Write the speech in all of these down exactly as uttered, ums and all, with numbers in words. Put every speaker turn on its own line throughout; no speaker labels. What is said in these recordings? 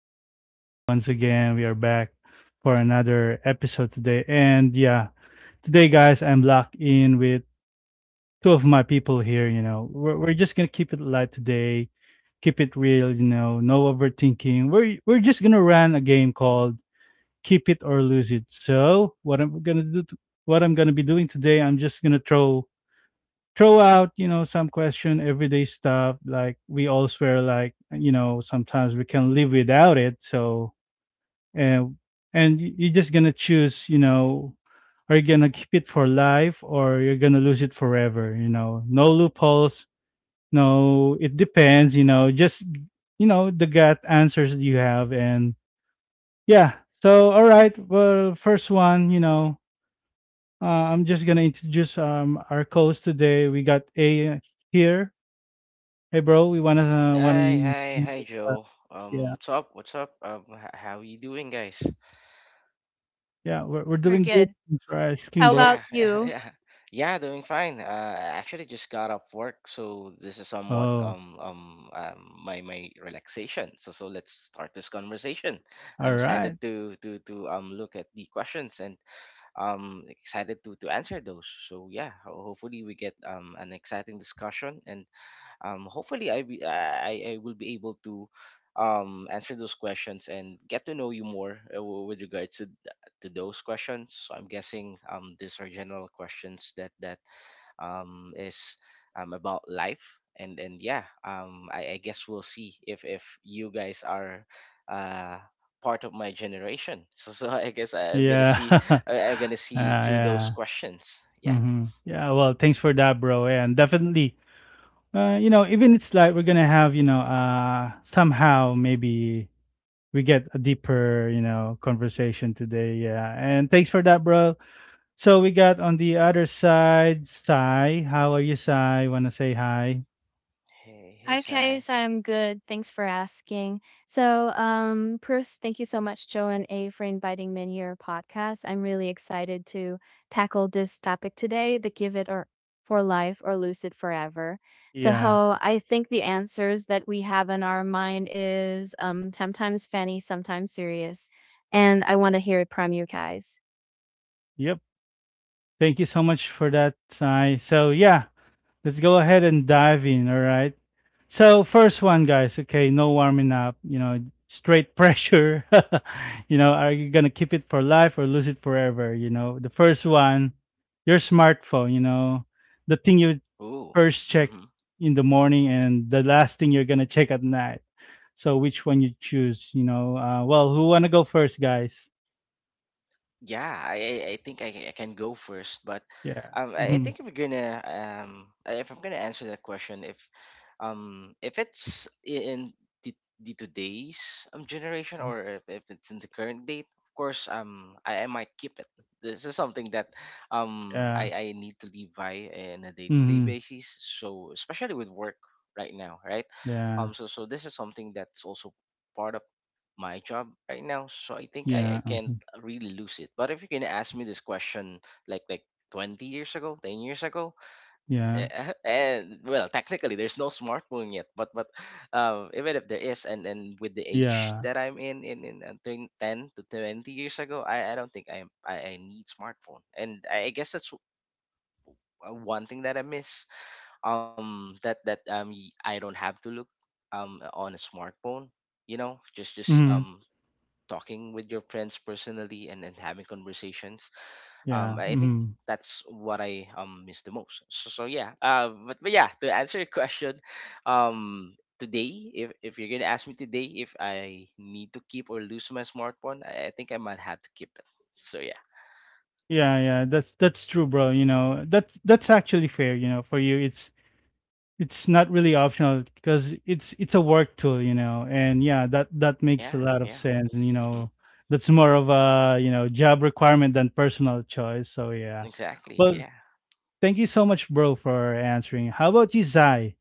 This is Joe. Once again, we are back for another episode today. And yeah, today, guys, I'm locked in with two of my people here. You know, we're, we're just gonna keep it light today, keep it real. You know, no overthinking. We're we're just gonna run a game called Keep It or Lose It. So what I'm gonna do, to, what I'm gonna be doing today, I'm just gonna throw throw out, you know, some question, everyday stuff. Like we all swear, like you know, sometimes we can live without it. So and and y- you're just gonna choose, you know, are you gonna keep it for life or you're gonna lose it forever? You know, no loopholes. No, it depends. You know, just you know the gut answers that you have and yeah. So all right, well, first one, you know, uh, I'm just gonna introduce um our co-host today. We got A here. Hey bro, we wanna uh, wanna
Hi, hi, hi,
uh,
Joe. Um,
yeah.
what's up? What's up? Um, h- how you doing, guys?
Yeah we're we're
We're
doing good.
good.
Thanks for asking,
How
bro.
about
Yeah,
you?
yeah, yeah, doing fine. Uh, I actually just got off work, so this is somewhat
Oh,
um um um my my relaxation. So so let's start this conversation.
all
I'm
right.
excited to to to um look at the questions and um excited to to answer those. So yeah, ho- hopefully we get um an exciting discussion and um, hopefully I, be, I I I will be able to um, answer those questions and get to know you more uh, w- with regards to, th- to those questions. So I'm guessing um, these are general questions that that um, is um, about life. And and yeah, um, I, I guess we'll see if if you guys are uh, part of my generation. So so I guess I, am gonna
Yeah,
see
uh,
I, I'm gonna see through those
yeah.
questions. Yeah.
hmm Yeah. Well, thanks for that, bro. And definitely, uh, you know, even it's like we're gonna have, you know, uh, somehow maybe we get a deeper, you know, conversation today. Yeah. And thanks for that, bro. So we got on the other side, Sai. How are you, Sai? Wanna say hi?
Hey hey
Hi,
Sai.
Kais. I'm good. Thanks for asking. So, um, Bruce, thank you so much, Joe and A, for inviting me in your podcast. I'm really excited to tackle this topic today, the give it or for life or lose it forever. So,
Yeah.
how I think the answers that we have in our mind is, um, sometimes funny, sometimes serious, and I want to hear it from you guys.
Yep. Thank you so much for that, Sai. So yeah, let's go ahead and dive in. All right. So first one, guys. Okay, no warming up. You know, straight pressure. You know, are you gonna keep it for life or lose it forever? You know, the first one, your smartphone. You know, the thing you
Ooh.
first check
Mm-hmm.
in the morning and the last thing you're gonna check at night. So which one you choose? You know, uh, well, who wanna go first, guys?
Yeah, I I I think I, ca- I can go first, but
Yeah.
um, I I
hmm
think if we're gonna um, I- if I'm gonna answer that question, if um, if it's i- in the, the today's um generation or if, if it's in the current date, of course, um, I, I might keep it. This is something that um
Yeah.
I, I need to live by in a day to day
hmm
basis. So especially with work right now, right?
Yeah.
Um, so so this is something that's also part of my job right now. So I think I, I
Yeah,
can
mhm,
really lose it. But if you're gonna ask me this question, like like twenty years ago, ten years ago,
yeah,
eh, and well, technically there's no smartphone yet, but but um, even if there is, and and with the age
yeah,
that I'm in, in in uh, twen- ten to twenty years ago, I I don't think I'm I, I need smartphone, and I, I guess that's w- uh, one thing that I miss. Um, that that um y- I don't have to look um on a smartphone. You know, just just um
mhm,
talking with your friends personally and then having conversations. Um, I
yeah,
think
mhm.
that's what I um miss the most. So, so yeah. Uh, but, but yeah, to answer your question, um, today, if if you're gonna ask me today if I need to keep or lose my smartphone, I, I think I might have to keep it. So yeah,
Yeah, yeah, that's that's true, bro, you know, that's that's actually fair, you know, for you, it's it's not really optional because it's it's a work tool, you know, and yeah, that that makes a
yeah,
lot of
yeah.
sense, and you
Hmm.
know, that's more of a you know job requirement than personal choice. So yeah,
Exactly.
well,
Yeah.
thank you so much, bro, for answering. How about you, Zai?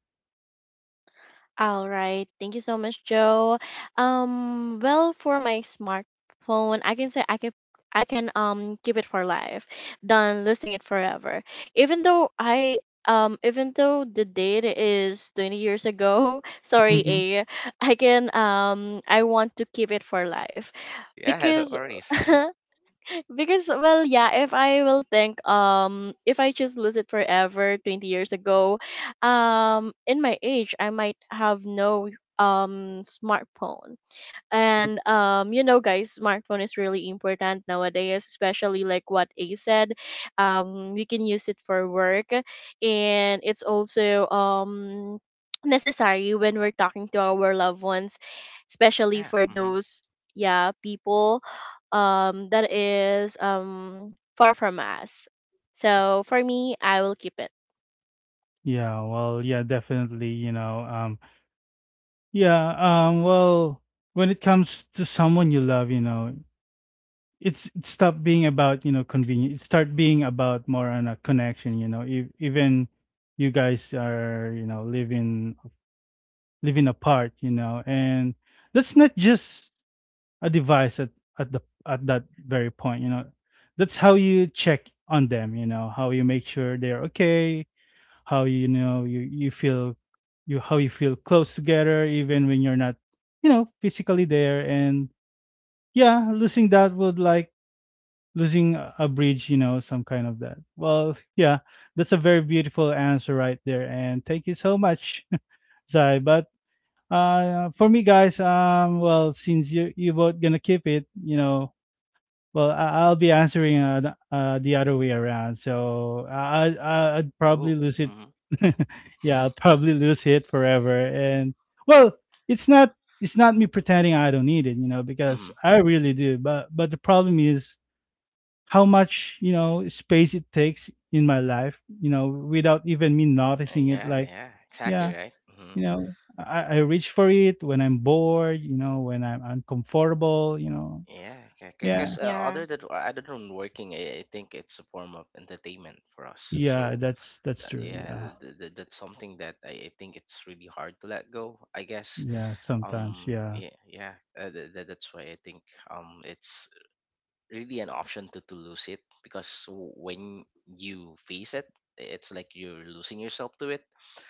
All right. Thank you so much, Joe. Um, well, for my smartphone, I can say, I can I can um keep it for life than losing it forever. Even though I um even though the date is twenty years ago, sorry,
Mhm.
A, I can um I want to keep it for life
Yeah. No
because
worries.
because, well, yeah, if i will think um if I just lose it forever twenty years ago, um in my age I might have no um smartphone. And um you know, guys, smartphone is really important nowadays, especially like what A said, um we can use it for work, and it's also um necessary when we're talking to our loved ones, especially
Yeah.
for
Mm-hmm.
those, yeah, people um that is um far from us. So for me, I will keep it.
Yeah, well, yeah, definitely, you know, um. Yeah, um, well, when it comes to someone you love, you know, it's it stopped being about, you know, convenience. It start being about more on a connection, you know. If, even you guys are, you know, living living apart, you know, and that's not just a device at, at the at that very point, you know. That's how you check on them, you know, how you make sure they're okay, how you know you you feel you how you feel close together even when you're not, you know, physically there. And yeah, losing that would like losing a a bridge, you know, some kind of that. Well, yeah, that's a very beautiful answer right there, and thank you so much, Zai. But uh for me, guys, um well, since you you both gonna keep it, you know, well, I- I'll be answering uh, the, uh, the other way around. So I- I- I'd
Ooh.
probably lose it.
Mm-hmm.
Yeah, I'll probably lose it forever. And well, it's not, it's not me pretending I don't need it, you know, because
Mm-hmm.
I really do. But but the problem is how much you know space it takes in my life, you know, without even me
Uh,
noticing it.
yeah.
Like
Yeah.
yeah,
Exactly. Right. Hmm.
you know, I, I reach for it when I'm bored, you know, when I'm uncomfortable, you know.
Yeah, because
Yeah,
uh,
Yeah.
other than uh, other than working, I, I think it's a form of entertainment for us.
yeah,
So
that's that's
uh,
true.
yeah,
Yeah.
th- th- that's something that I, I think it's really hard to let go. I guess
Yeah, sometimes.
um
Yeah.
yeah yeah uh, th- th- that's why I think um it's really an option to, to lose it because w- when you face it it's like you're losing yourself to it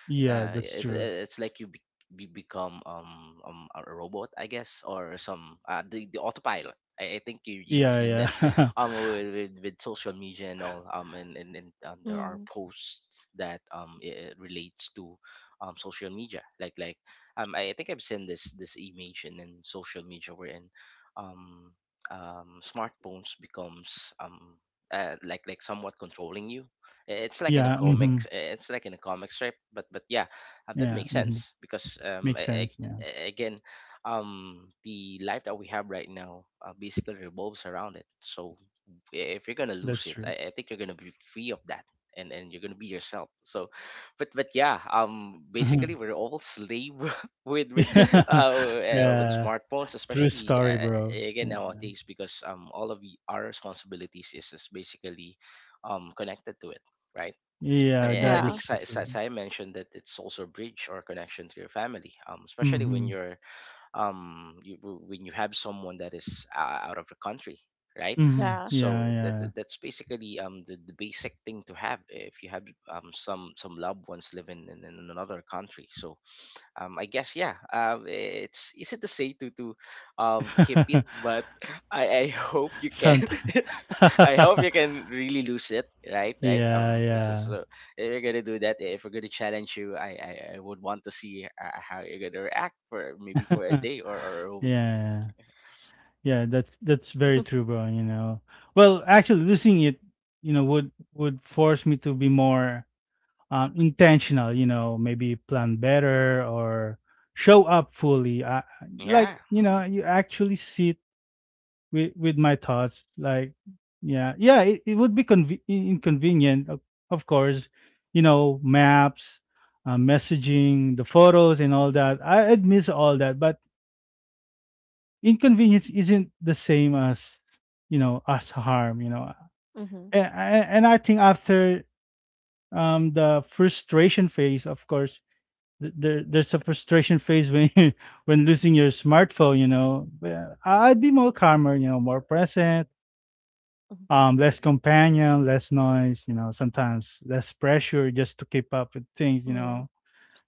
Yeah,
uh
that's
it's
true.
it's like you be, be become um, um a robot I guess or some uh the, the autopilot I, I think you, you've
Yeah,
seen that
yeah.
um with, with, with social media and all um and and, and um, there are
Mm.
posts that um it it relates to um social media like like um I, I think I've seen this this image in, in social media wherein um um, smartphones becomes um, uh, like like somewhat controlling you. I- It's like in a
Yeah, mhm.
comics. It's like in a comic strip. But but yeah, uh, that
Yeah,
makes
mhm.
sense because um,
Makes
I,
sense, man.
again, um, the life that we have right now uh, basically revolves around it. So eh, if you're gonna
That's
lose it,
true.
I, I think you're gonna be free of that, and and you're gonna be yourself. So, but but yeah, um, basically
Mhm.
we're all slave with with
Yeah.
uh, uh, with
Yeah.
smartphones,
True
especially
story,
uh,
bro.
again
Yeah.
nowadays because um all of y- our responsibilities is is basically um connected to it, right?
Yeah,
A- And I
that is
Yeah,
think
so
Sai, Sai
true.
Sai mentioned that it's also a bridge or connection to your family, um, especially when
Mhm.
you're um you, w- when you have someone that is uh, out of the country right
Mhm.
yeah.
so
Yeah,
that
yeah.
that- that's basically um the, the basic thing to have if you have um some some loved ones living in, in another country so um I guess yeah um it's easy to say to to um keep it but i i hope you can
Sometimes.
I hope you can really lose it right right
Yeah,
um so,
yeah.
so if you're gonna do that, if we're gonna challenge you, I I, I would want to see uh, how you're gonna react for maybe for a day or, or a week.
Yeah. Yeah, that's that's very true, bro. You know, well, actually, losing it, you know, would would force me to be more um, intentional. You know, maybe plan better or show up fully. I, I- like,
Yeah.
you
Mm-hmm.
know, you actually sit with with my thoughts. Like, yeah, yeah, it, it would be conve- in- inconvenient, of, of course. You know, maps, uh, messaging, the photos, and all that. I, I'd miss all that, but inconvenience isn't the same as, you know, as harm, you know. and, and I think after um the frustration phase, of course, th- there, there's a frustration phase when when losing your smartphone, you know. But uh, I'd be more calmer, you know, more present, um less companion, less noise, you know, sometimes less pressure just to keep up with things, you
Mm-hmm.
know.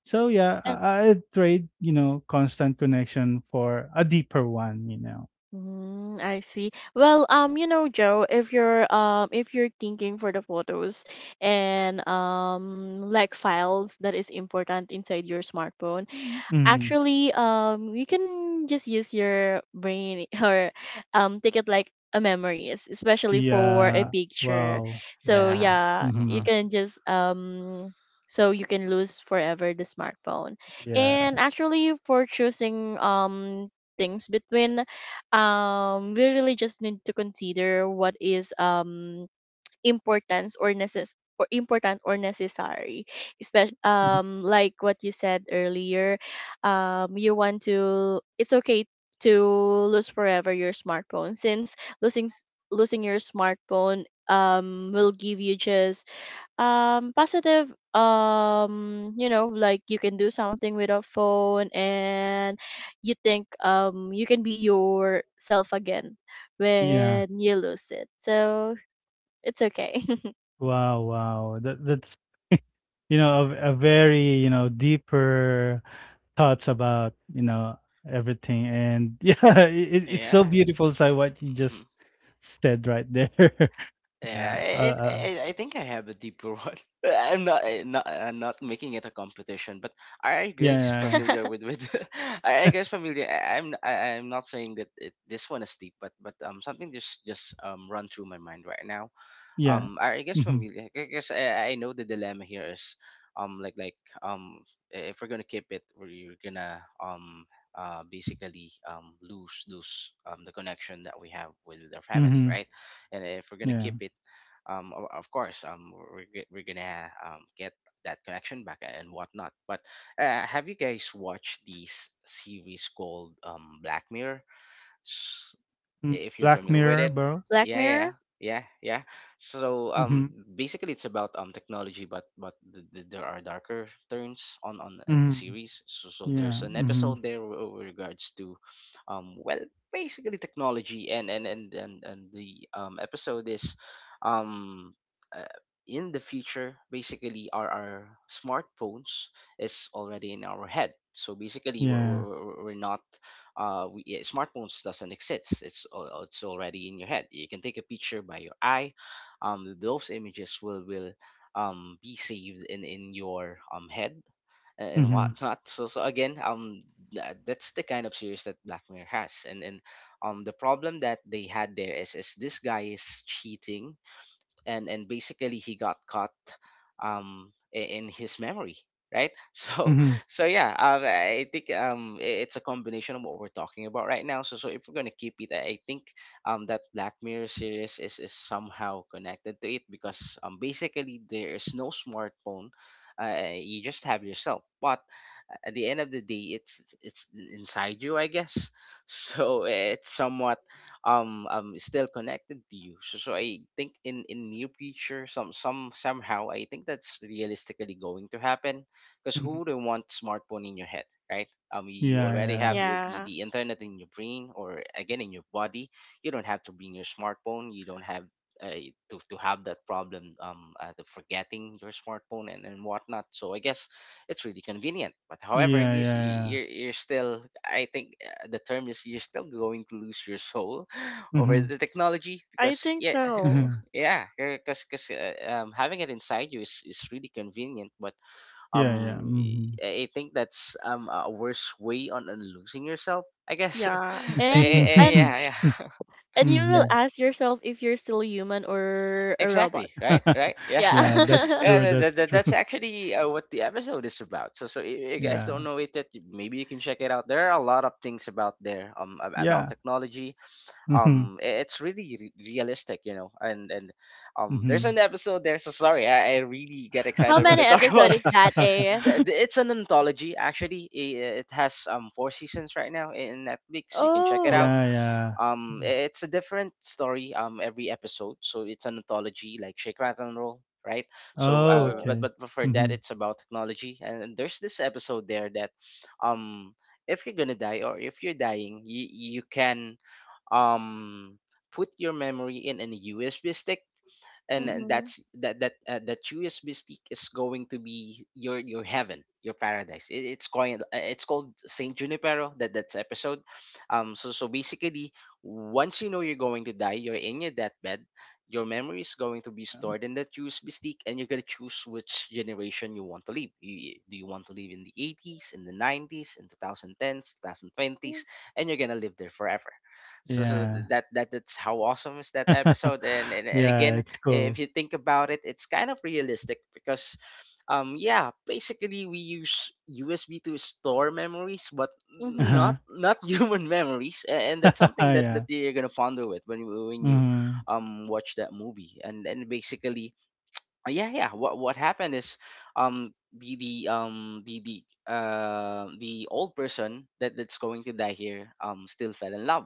So yeah, i i trade, you know, constant connection for a deeper one, you know.
Mm, I see. Well, um, you know, Joe, if you're um if you're thinking for the photos and um like files that is important inside your smartphone,
Mhm.
actually, um, you can just use your brain or um take it like a memories, especially for a
Yeah.
picture.
Wow.
So
Yeah.
Wow.
yeah, you
Uh-huh.
Mhm.
can just, um so you can lose forever the smartphone. And
Yeah.
actually, for choosing, um things between, um we really just need to consider what is um importance or necess or important or necessary, especially
Mhm.
um like what you said earlier. um you want to It's okay to lose forever your smartphone, since losing s- losing your smartphone um will give you just um positive, um you know like you can do something with a phone, and you think um you can be yourself again
Yeah.
when you lose it. So it's okay.
Wow. Wow. That that's, you know, a, a very, you know, deeper thoughts about, you know, everything. And yeah, it, it's so
Yeah.
beautiful. So what you
Mm-hmm.
just said right there.
Yeah,
Yeah. Uh,
I, I,
uh,
I I think I have a deeper one. I'm not, I- not, I'm not making it a competition, but are you
yeah. Yeah.
guys
Yeah.
familiar with with? Are you guys familiar? I, I'm, I, I'm not saying that it, this one is deep, but but um, something just just um run through my mind right now
Yeah.
um I I guess
Mm-hmm.
familiar because I, I know the dilemma here is um like like um if we're gonna keep it we're gonna um uh basically um lose lose um the connection that we have with our family
Mm-hmm.
right and if we're gonna
Yeah.
keep it um o- of course um we're, g- we're gonna um get that connection back and whatnot but uh, have you guys watched this series called um Black Mirror
Mm.
if you're
Black
familiar with
Mirror,
it.
bro.
Black
Yeah, yeah,
Mirror?
yeah, yeah, yeah. So
Mm-hmm.
um, basically, it's about um technology, but but th- th- there are darker turns on on in the
Mm-hmm.
series. So so
Yeah.
there's an
Mm-hmm.
episode there w- with regards to, um, well, basically technology, and and and and and the um episode is, um. Uh, in the future, basically, our, our smartphones is already in our head. So basically, we're,
Yeah.
we're, we're we're not uh, we, yeah, smartphones doesn't exist. It's al- it's already in your head. You can take a picture by your eye. Um, those images will will um, be saved in in your um head and, and
Mm-hmm.
whatnot. So so again, um, tha- that's the kind of series that Black Mirror has. And and um, the problem that they had there is is this guy is cheating and and basically he got caught um i- in his memory right so
Mm-hmm.
so yeah um, I think um i- it's a combination of what we're talking about right now so so if we're going to keep it I think um that Black Mirror series is is somehow connected to it because um basically there is no smartphone uh, you just have yourself but at the end of the day it's it's it's inside you I guess so it's somewhat um um still connected to you so, so I think in in near future some some somehow I think that's realistically going to happen because
Mm-hmm.
who wouldn't want smartphone in your head right um you
Yeah.
already
Yeah.
have your, the,
Yeah,
the internet in your brain or again in your body you don't have to bring your smartphone you don't have uh, to, to have that problem um uh, the forgetting your smartphone and, and whatnot so I guess it's really convenient but however
Yeah, yeah,
you, s- you-
yeah.
you're, you're still I think uh, the term is you're still going to lose your soul over
Mhm,
the technology
I
because
think
yeah
so.
mhm.
yeah because because uh, um, having it inside you is, is really convenient but
Yeah, yeah,
um
mhm.
i I think that's um a worse way on, on losing yourself I guess
Yeah.
Eh,
And
eh, eh, yeah
and
yeah
and you will
The-
Mhm.
ask yourself if you're still human or a robot.
exactly right right yeah
Yeah, that's
Yeah.
yeah
true,
that, that,
that's
that-
true.
that's actually uh, what the episode is about so so if you guys
Yeah.
don't know it that maybe you can check it out there are a lot of things about there um ab- about
Yeah.
technology
Mhm,
um i- it's really re- realistic you know and and um there's
mhm.
an episode there so sorry i, I really get
How
excited when
many
I talk about
episodes is
this.
that, eh?
The- the- it's an anthology actually. I- it has um four seasons right now in Netflix you can check it
Oh.
out
Yeah, yeah.
um
Yeah.
i- it's a different story um every episode so it's an anthology like Shake Rattle and Roll right so
Oh,
uh,
Cool.
but
okay.
but for that
Mhm.
it's about technology and there's this episode there that um if you're gonna die or if you're dying you, you can um put your memory in a U S B stick and and
Mhm.
that's that that uh, that U S B stick is going to be your your heaven, your paradise. It, it's called it's called Saint Junipero. That that's episode. Um. So so basically, once you know you're going to die, you're in your deathbed. Your memory is going to be
Um,
stored in that U S B stick, and you're gonna choose which generation you want to live. You, do you want to live in the eighties, in the nineties, in two thousand tens, twenty twenties, and you're gonna live there forever? So so
yeah.
that that that's how awesome is that episode, and and, and
Yeah,
again,
it's
if
cool.
you think about it, it's kind of realistic because, um, yeah, basically we use U S B to store memories, but
Uh-huh.
Mhm.
not not human memories, a- and that's something that
Yeah.
that you're gonna ponder with when you when you,
Mhm,
um, watch that movie. And and basically, uh, yeah, yeah, what what happened is, um, the the um the the uh the old person that that's going to die here um still fell in love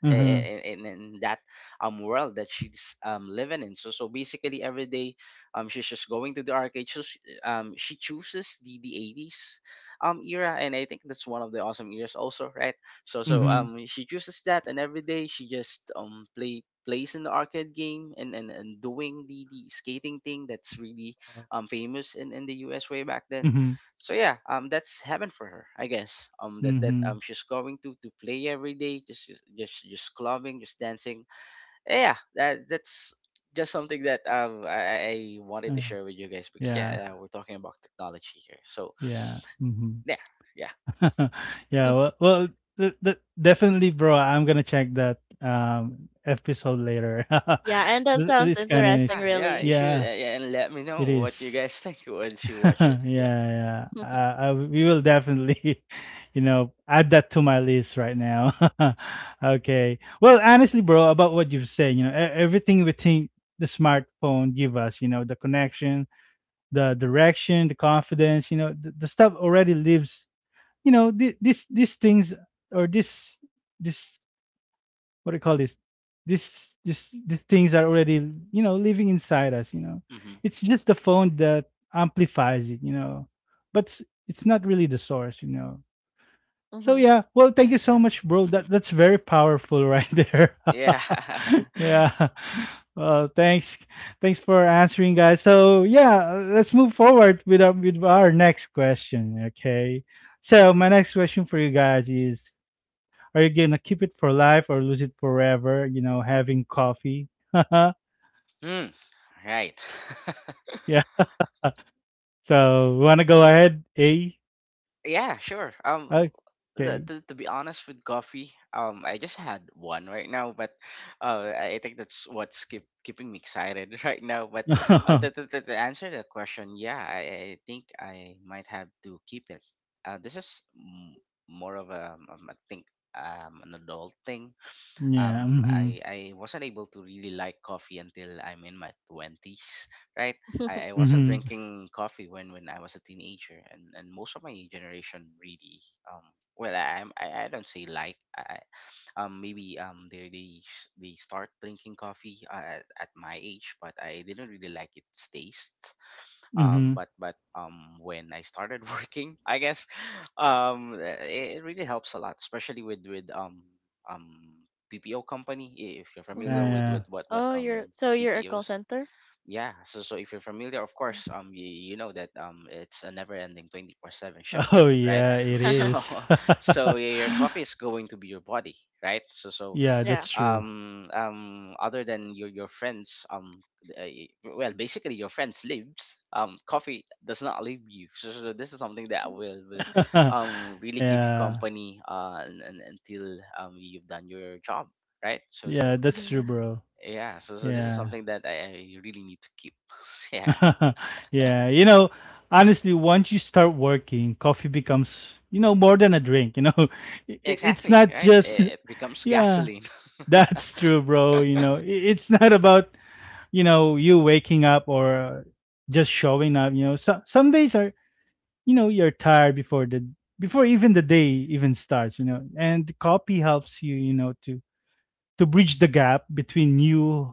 mhm,
in, in, in that um world that she's um living in. So so basically, every day um she's just going to the arcade. So she, um she chooses the the eighties um era, and I think that's one of the awesome eras also, right? So so
mhm.
um she chooses that, and every day she just um play plays in the arcade game, and, and, and doing the, the skating thing that's really
Uh,
um famous in, in the U S way back then.
mhm,
So yeah um that's heaven for her, I guess. Um that that
mhm.
um She's going to to play every day, just just just, just clubbing, just dancing. Yeah that that's just something that um I, I I wanted to
Uh,
share with you guys, because
yeah,
yeah. Uh, we're talking about technology here, so
yeah, mhm.
yeah. yeah
Yeah, well, well, th- th- definitely, bro. I'm gonna check that um episode later.
Yeah, and that
Th-
sounds
it's kind of
interesting
yeah yeah You
really.
should,
yeah,
uh, yeah, and let me
it
know what you
is.
guys think once you watch
Yeah,
it. Yeah.
yeah. Uh, I, we will definitely, you know, add that to my list right now. Okay. Well, honestly, bro, about what you've said, you know, e- everything we think the smartphone give us, you know, the connection, the direction, the confidence, you know, the, the stuff already lives, you know, th- this these things or this this what do you call this, this this the things are already, you know, living inside us, you know.
Mm-hmm.
It's just the phone that amplifies it, you know. But it's, it's not really the source, you know. So
Mhm.
yeah, well, thank
yeah
you so
yeah
much, bro.
Mm-hmm.
That that's very powerful right there.
Yeah.
Yeah. Well, thanks, thanks for answering, guys. So yeah, let's move forward with our, with our next question. Okay. So my next question for you guys is: are you gonna keep it for life or lose it forever? You know, having coffee.
Hmm. Right.
Yeah. So wanna go ahead, A?
Yeah, sure. Um, the,
Okay.
to, to be honest, with coffee, um, I just had one right now. But uh, I think that's what's keep, keeping me excited right now. But uh,
Yeah.
to, to, to to answer the question, yeah, I, I think I might have to keep it. Uh, this is m- more of a, um, I think, um, an adult thing. um
Mm-hmm.
I I wasn't able to really like coffee until I'm in my twenties, right? I, I wasn't
Mm-hmm.
drinking coffee when when I was a teenager, and and most of my generation, really. Um well I I'm- I, I don't say like I, um maybe um they they s- they start drinking coffee uh, at, at my age, but I didn't really like its taste. um
Mm-hmm.
but but um when I started working, I guess um it, it really helps a lot, especially with with um um ppo company, i- if you're
Yeah.
familiar
Mhm.
with
Yeah.
with what what
Oh, you're
um
so you're a call
ppos.
center?
Yeah, so so if you're familiar, of course, um, you, you know that, um, it's a never-ending twenty four seven shifting,
Oh
right?
yeah, it
So,
is.
so your coffee is going to be your body, right? So, so
Yeah,
Yeah.
that's true.
um, um, other than your your friends, um, th- uh, well, basically your friends lives, um, coffee does not leave you. So, so this is something that will, will, um, really keep you
Yeah.
company, uh, and, and, until um, you've done your job, right? So,
Yeah,
so
that's true,
Mhm.
bro.
yeah, so so this is
Yeah.
something that I, I really need to keep. Yeah,
Yeah, you know, honestly, once you start working, coffee becomes, you know, more than a drink, you know. I I- it's
exactly.
not
Right,
just
it becomes
yeah,
gasoline.
that's true, bro, you know. I it's not about, you know, you waking up or just showing up, you know. So some days are, you know, you're tired before the before even the day even starts, you know. And copy helps you, you know, to to bridge the gap between you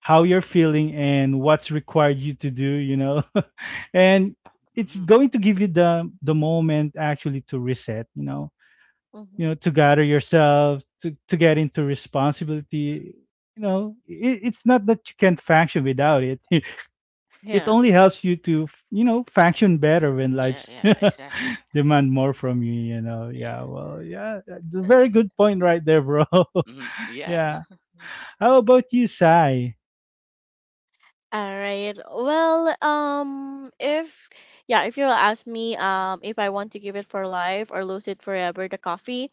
how you're feeling and what's required you to do, you know. And
yeah,
it's
hmm
going to give you the the moment actually to reset, you know, you know,
Mhm.
to gather yourself to to get into responsibility, you know. It, it's not that you can't function without it. It
Yeah.
only helps you to f- you know function better when
yeah,
life's
yeah, exactly.
demand more from you, you know. Yeah,
Yeah.
well, yeah, uh, d- very good point right there, bro.
Hmm yeah.
Yeah. How about you, Sai?
All right. Well, um, if yeah, if you'll ask me, um, if I want to give it for life or lose it forever, the coffee,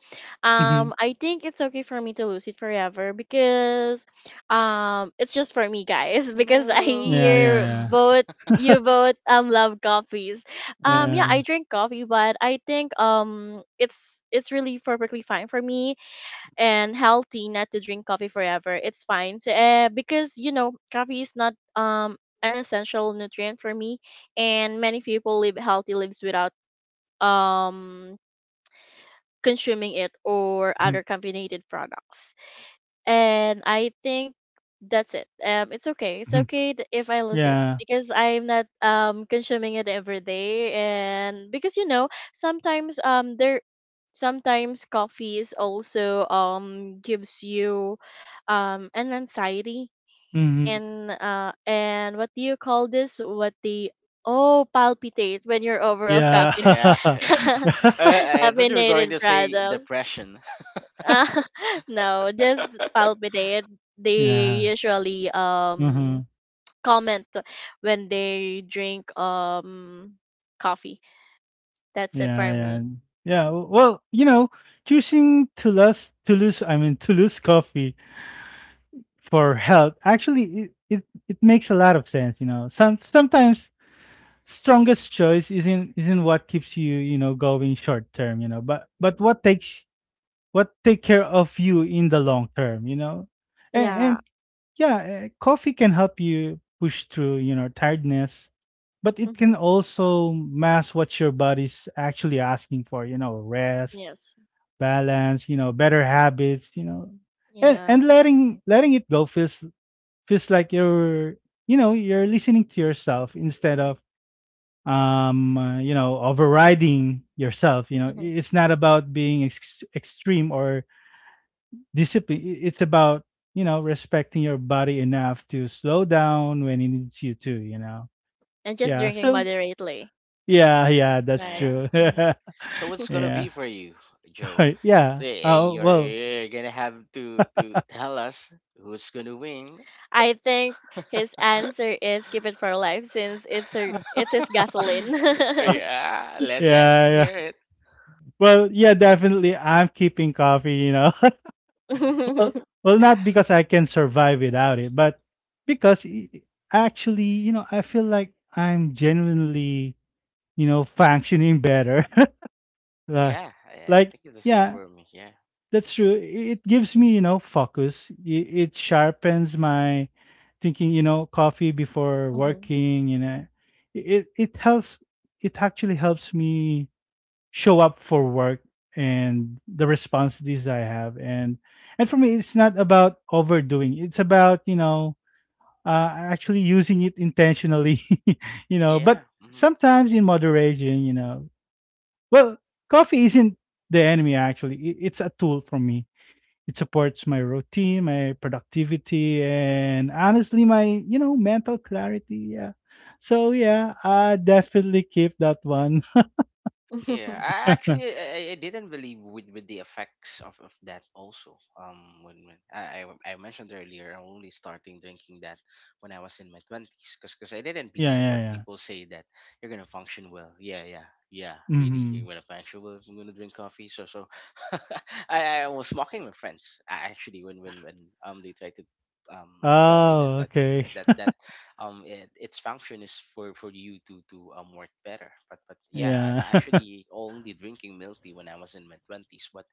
Mhm.
um, I think it's okay for me to lose it forever, because um, it's just for me, guys. Because I
No.
Yeah,
hear
yeah,
both, you both um love coffees.
yeah,
Um, yeah,
yeah.
I drink coffee, but I think, um, it's it's really perfectly fine for me and healthy not to drink coffee forever. It's fine. So, uh, because, you know, coffee is not um an essential nutrient for me, and many people live healthy lives without um consuming it or
Mhm,
other caffeinated products, and I think that's it. Um, it's okay. It's
mhm.
okay th- if I lose it,
Yeah.
because I'm not um consuming it every day, and because you know, sometimes, um there sometimes coffee is also um gives you um an anxiety,
Mhm.
and uh and what do you call this? What the, oh, palpitate when you're over of
Yeah.
caffeine.
Yeah, yeah. I, I thought you were going
Caffeinated
to say
products.
depression.
Uh, no, just palpitate.
Yeah.
They usually um
Mhm.
comment when they drink um coffee. That's it
yeah
for
yeah
me.
yeah w- well you know choosing to lose to lose i mean to lose coffee for health actually it, it, it makes a lot of sense. You know, some sometimes strongest choice isn't isn't what keeps you, you know, going short term, you know, but but what takes what take care of you in the long term, you know. And,
Yeah.
and Yeah, eh, coffee can help you push through, you know, tiredness, but it
Hmm.
can also mask what your body's actually asking for, you know, rest,
Yes.
balance, you know, better habits, you know. And
Yeah.
and letting letting it go feels feels like you're, you know, you're listening to yourself instead of um uh, you know, overriding yourself, you know. I-
Hmm.
it's not about being ex- extreme or discipline. I- it's about, you know, respecting your body enough to slow down when it needs you to, you know.
And just
Yeah,
drinking
so
moderately.
yeah, yeah, that's
Right.
Yeah,
true.
Mhm.
yeah. So what's gonna
yeah
be for you, Joe?
yeah
Eh, eh,
oh
You're,
well
you're gonna have to to tell us who's gonna win.
I think his answer is keep it for life, since it's her, it's his gasoline.
Yeah, let's
yeah
let's
yeah
hear it.
well yeah, definitely I'm keeping coffee, you know. Well, well,
Yeah,
not because I can survive without it, but because i- i- actually, you know, I feel like I'm genuinely, you know, functioning better. Li-
yeah. I, I
like,
think it's the same
yeah,
for me. Yeah,
that's true. I- It gives me, you know, focus. It, it sharpens my thinking. You know, coffee before
Mhm.
working. You know, I- it it helps. It actually helps me show up for work and the responsibilities I have. And and for me, it's not about overdoing. It's about, you know, uh, actually using it intentionally. You know,
yeah.
but
Mhm.
sometimes in moderation. You know, well, coffee isn't the enemy. Actually, it, it's a tool for me. It supports my routine, my productivity, and honestly, my, you know, mental clarity. Yeah. So yeah, I definitely keep that one.
Yeah, I
Yeah,
actually I, I I didn't believe with with the effects of, of that also. Um, when, when I, I I mentioned earlier, I'm only starting drinking that when I was in my twenties, because I didn't
yeah,
believe what
yeah.
people say, that you're gonna function well. Yeah, yeah, yeah. Really,
Mm-hmm.
you're gonna function well if I'm gonna drink coffee. So so, I, I was mocking my friends, a- actually, when when when um they tried to um tell me that
Oh,
that
okay.
that that um it, its function is for for you to to um work better. But but yeah, I'm
Yeah.
actually only drinking milk tea when I was in my twenties. But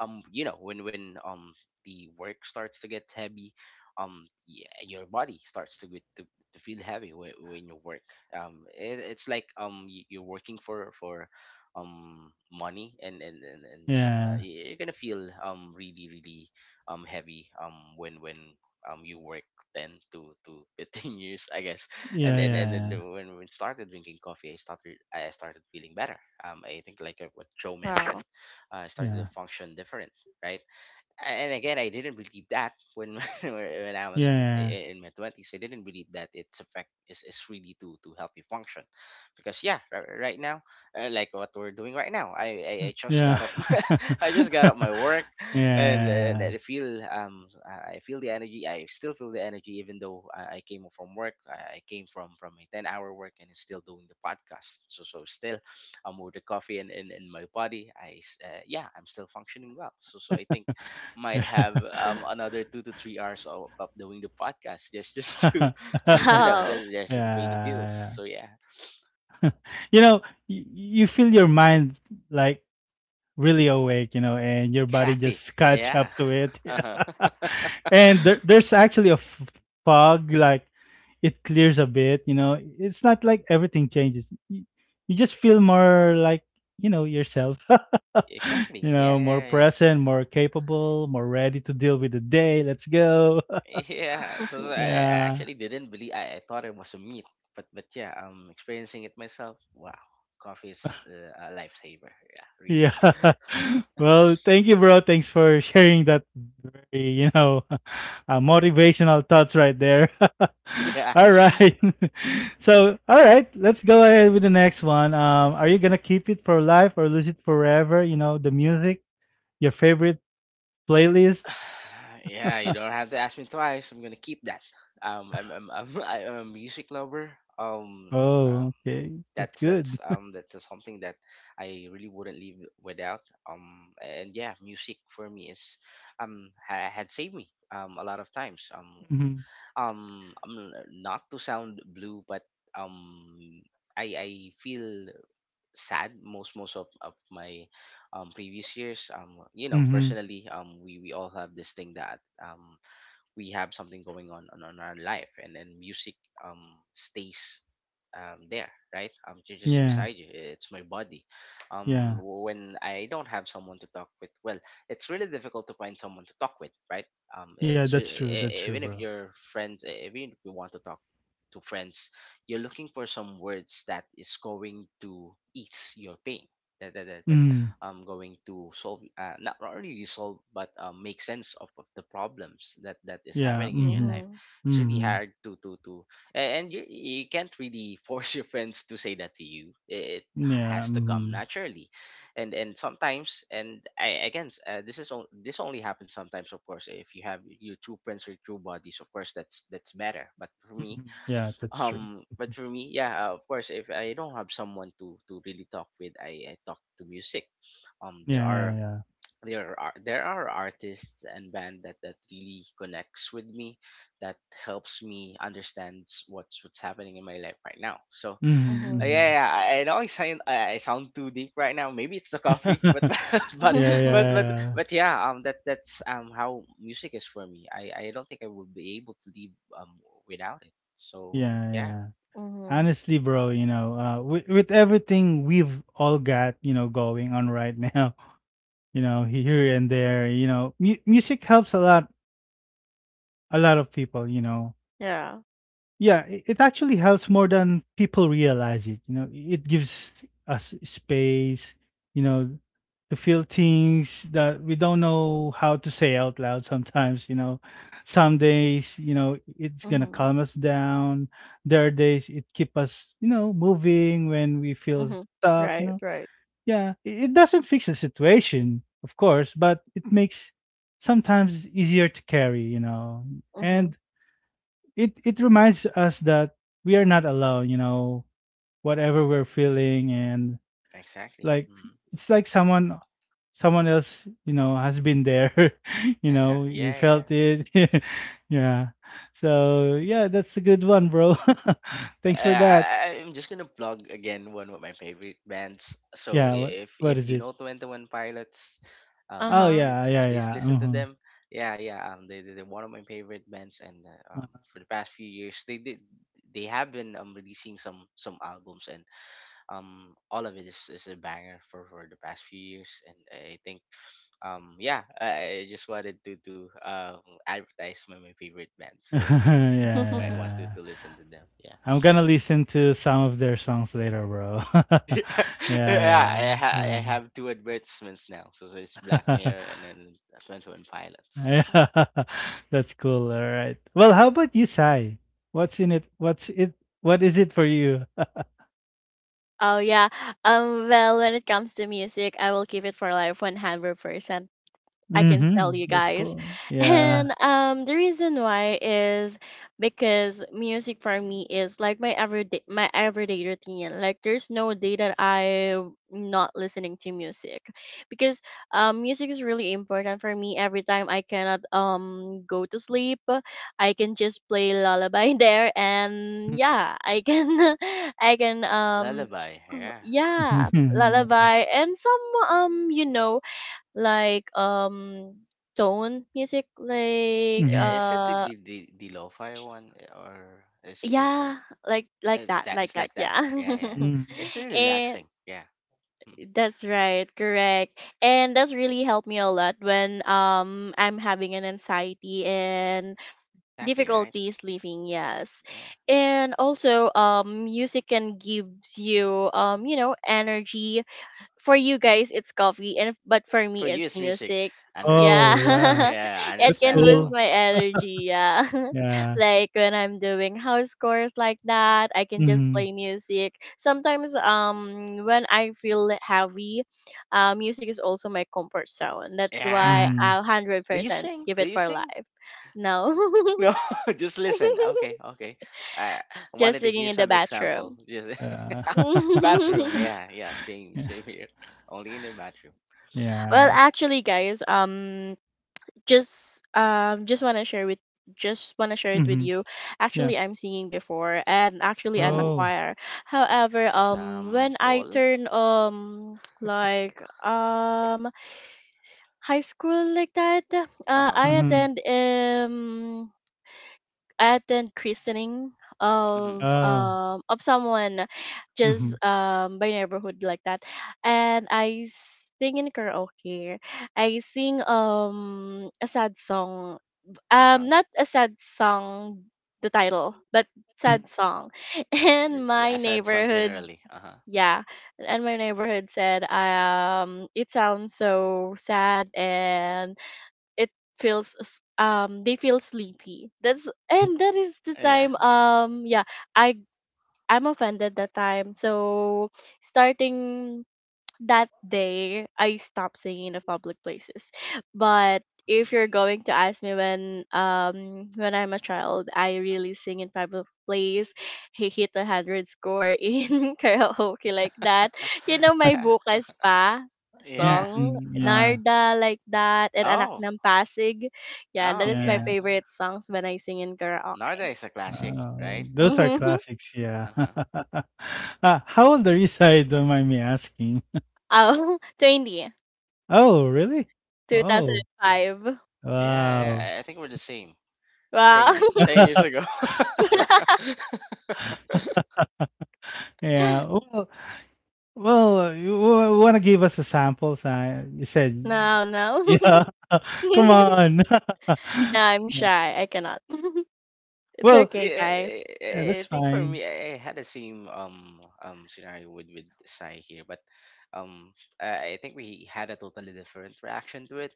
um you know, when when um the work starts to get heavy, um yeah, your body starts to get to, to feel heavy when, when you work. Um it, it's like, um y- you're working for for um money, and and and, and so, uh,
Yeah.
y- you're gonna feel um really, really um heavy um when when um you work ten to to fifteen years, I guess. And
Yeah,
and and then,
yeah,
when we started drinking coffee, I started I started feeling better. Um, I think, like, uh, what Joe mentioned,
Wow.
uh, I started to
yeah.
function different, right? and again i didn't believe that when when I was
Yeah.
in my twenties. I didn't believe that its effect is, is really to to help you function. Because yeah, ri- right now, uh, like what we're doing right now, i i, I just
Yeah,
got up my, I just got
yeah,
up my work. And, and
yeah.
I feel, um i I feel the energy. I still feel the energy, even though, i, I came from work. i I came from from a ten hour work, and still doing the podcast, so so still, I'm with the coffee in, in, in my body. I s- uh, yeah, I'm still functioning well. So so I think might
Yeah.
have, um, another two to three hours of, of doing the podcast, just just to just, you know
Oh.
just
Yeah.
just to pay the bills.
Yeah.
So yeah.
You know, y you feel your mind, like, really awake, you know, and your body
Exactly.
just catch
Yeah.
up to it.
Uh-huh.
And there, there's actually a f- fog, like, it clears a bit, you know. It's not like everything changes. You, you just feel more like, you know, yourself,
Exactly.
you
yeah
know, more
yeah yeah
present, more capable, more ready to deal with the day. Let's go.
yeah so, so I, I
Yeah.
actually didn't believe. I, I thought it was a meat. But but yeah, I'm experiencing it myself. Wow. Coffee is, uh, a lifesaver. Yeah, really.
Yeah. Well, thank you, bro. Thanks for sharing that very, you know, uh, motivational thoughts right there.
Yeah.
All right. So, all right, let's go ahead with the next one. Um, are you gonna keep it for life or lose it forever? You know, the music, your favorite playlist.
Yeah, you don't have to ask me twice. I'm gonna keep that. Um, I'm I'm I'm, I'm a music lover. Um,
Oh,
um,
okay, that's
that's
good.
that's um that's something that I really wouldn't leave without. Um, and yeah, music for me, is um ha- had saved me um a lot of times. Um,
Mm-hmm.
um, I'm, uh, not to sound blue, but um, I I feel sad, most most of, of my, um, previous years. Um you know,
Mm-hmm.
personally, um we we all have this thing that, um we have something going on on, on our life, and then music um stays um there, right? Um ju- just
Yeah,
beside you. It's my body, um
yeah,
w- when I don't have someone to talk with. Well, it's really difficult to find someone to talk with, right? um
yeah.
it's
That's
re-
true.
e-
That's
e-
true,
Even
bro.
if you're friends, e- even if you want to talk to friends, you're looking for some words that is going to ease your pain, that, that, that,
Mm.
um, going to solve, uh, not not really solve, but um, make sense of, of the problems that that is
Yeah.
happening in your
Mm-hmm.
life.
Mhm.
It's really
Mm-hmm.
hard to to to a- and you, you can't really force your friends to say that to you. It
Yeah.
has to come
Mm-hmm.
naturally. And and sometimes, and I again s- uh, this is on, this only happens sometimes. Of course, if you have your true friends or true bodies, of course, that's that's better. But for me,
Mhm. Yeah, that's true.
um but for me, yeah. Uh, of course, if I don't have someone to to really talk with, i, I talk to music. um there
Yeah,
are
yeah,
there are there are artists and band that that really connects with me, that helps me understand what's what's happening in my life right now. So,
yeah.
uh,
Mhm.
Mhm,
yeah. yeah I, I know I sound I I sound too deep right now. Maybe it's the coffee,
mhm.
but but
Yeah,
but but
yeah,
but yeah, um that that's um how music is for me. I I don't think I would be able to live um without it. So
yeah,
yeah.
yeah.
Mhm.
Honestly, bro, you know, uh, with with everything we've all got, you know, going on right now, you know, here and there, you know, mu music helps a lot, a lot of people, you know.
Yeah.
Yeah, i- it actually helps more than people realize it. You know, i- it gives us space, you know, to feel things that we don't know how to say out loud sometimes, you know. Some days, you know, it's gonna
Mhm.
calm us down. There are days it keep us, you know, moving when we feel
Mhm.
stuck, you
Right.
know.
Right.
Yeah, i- it doesn't fix the situation, of course, but it makes sometimes easier to carry, you know.
Mhm.
And it it reminds us that we are not alone, you know, whatever we're feeling. And
Exactly.
like,
mm.
it's like someone someone else, you know, has been there, you
Uh-huh.
know, you
yeah yeah
felt it. Yeah, so yeah, that's a good one, bro. Thanks for that.
I, I- am just gonna plug again one of my favorite bands. So,
Yeah, what,
if
what
if
is
you
it?
know Twenty One Pilots, um,
Uh
Oh
please
huh.
li-
yeah,
uh,
yeah,
please
yeah,
listen to
uh-huh.
them. Yeah, yeah. Um, they they- they're one of my favorite bands, and uh, um, for the past few years, they did they have been um releasing some some albums, and um all of it is, is a banger for for the past few years. And I think, um yeah, I, I just wanted to to um advertise my my favorite band, so
Yeah,
you might want to
yeah.
to listen to them. Yeah.
I'm gonna listen to some of their songs later, bro.
Yeah,
Yeah,
I, ha- I
yeah.
have two advertisements now. So, so it's Black
Uh,
Mirror and then Twenty One Pilots.
That's cool. All right. Well, how about you, Sai? What's in it? What's it? What is it for you?
Oh yeah. Um. Well, when it comes to music, I will keep it for like one hundred percent. I can
Hmm,
tell you
that's
guys.
cool. Yeah.
And um the reason why is because music for me is like my everyday my everyday routine. Like there's no day that I'm not listening to music. Because um music is really important for me every time I cannot um go to sleep. I can just play lullaby there, and yeah, I can I can,
A
um
lullaby, yeah.
yeah,
Hmm.
lullaby and some, um you know like, um tone music like,
Hmm.
Eh, Is it the
uh
the the, the lo-fi one eh, or is it different?
yeah, like like
It's
that,
that.
like
It's
that,
like that.
yeah.
Yeah, yeah. It's really
And
relaxing. Yeah. Mhm.
that's right, correct, and that's really helped me a lot when um I'm having an anxiety and
Exactly right.
difficulty sleeping. Yes.
Yeah.
And also, um music can gives you um you know energy. For you guys it's coffee, and but for
For
me
you,
it's
it's music.
music.
Oh,
Understandable.
yeah.
Yeah.
Yeah,
It
That's
can boost
cool.
understandable.
my energy. Yeah.
Yeah.
Like when I'm doing house chores like that, I can just
Hmm.
play music sometimes um when I feel heavy. Uh, music is also my comfort zone, that's why
Yeah.
Hmm.
I'll
Do you
one hundred percent
sing?
give
Do
it
you
for
sing?
life. No.
No, just listen. Okay, okay. I I
Just
wanted to
singing
hear
in the
some example.
bathroom.
Just
Yeah.
bathroom.
Well,
Yeah, yeah. Same,
Yeah.
same here. Only in the bathroom.
Yeah.
actually, guys, um just um just want to share with just want to share it with
Hmm.
you.
Yeah.
Actually, I'm singing before, and actually I'm a
Ooh,
Oh.
choir. However, um when I
example.
turn, um like, um high school like that,
Uh
uh
huh.
I
Hmm.
attend um attend christening
Mm-hmm.
of
Oh.
um of someone, just
Hmm.
um by neighborhood like that. And I sing in karaoke. I sing um a sad song,
Uh
um
huh.
not a sad song the title, but sad song and
I
my
said song
neighborhood.
generally. Uh huh.
Yeah, and my neighborhood said um it sounds so sad, and it feels s- um they feel sleepy. That's and that is the
Yeah.
time, um yeah, i I'm offended that time. So, starting that day, I stopped singing in the public places. But if you're
Mhm.
going to ask me, when um when I'm a child, I really sing in public place. He hit a hundred score in karaoke like that. You know, my
yeah.
bukas pa
Hmm.
Yeah.
song
Uh huh.
Yeah.
Narda like that, and Anak
Oh.
ng Pasig. Yeah, that
Oh
is my
yeah.
Yeah.
Uh-huh.
favorite songs when I sing in
Narda
karaoke.
is a classic,
Oh,
right?
those are
Mm-hmm.
classics, yeah.
Uh huh.
Uh, how old are you, sorry, don't mind me asking?
Oh, twenty,
Oh, really?
two thousand
Oh,
five.
Yeah,
wow.
yeah. I I think we're the same. Ten
Wow.
years. Ten years ago.
Yeah, well, well, you want to give us a sample, si, you said,
No, no.
yeah, come on.
No, I'm
Yeah.
shy. I cannot. It's
Well,
okay,
Yeah,
guys.
I,
yeah,
I I
that's
think for
fine.
me, I I had the same um um scenario with with Sai here, but um I I think we had a totally different reaction to it.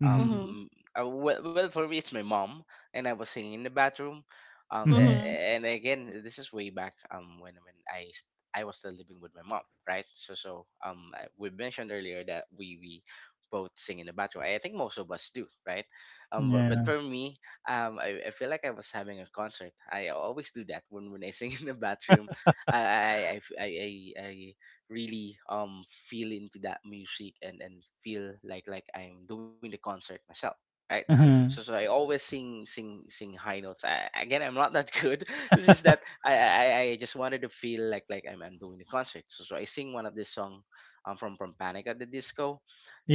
Mhm,
Mhm.
Um, uh, well, well, for me, it's my mom, and I was singing in the bathroom. Um, a-
mhm,
Mhm.
a- and again, this is way back um when when I st- I was still living with my mom, right? So so um I- we mentioned earlier that we we both sing in the bathroom. I think most of us do, right? Um, but, but
yeah,
for me, um, I, I feel like I was having a concert. I always do that when, when I sing in the bathroom. I I, I, f- I, I- I really um feel into that music and, and feel like like I'm doing the concert myself. Right,
uh-huh.
so so I always sing sing sing high notes. I, again, I'm not that good. It's just that I, I I I just wanted to feel like like I'm, I'm doing the concert. So so I sing one of this song, um from from Panic at the Disco.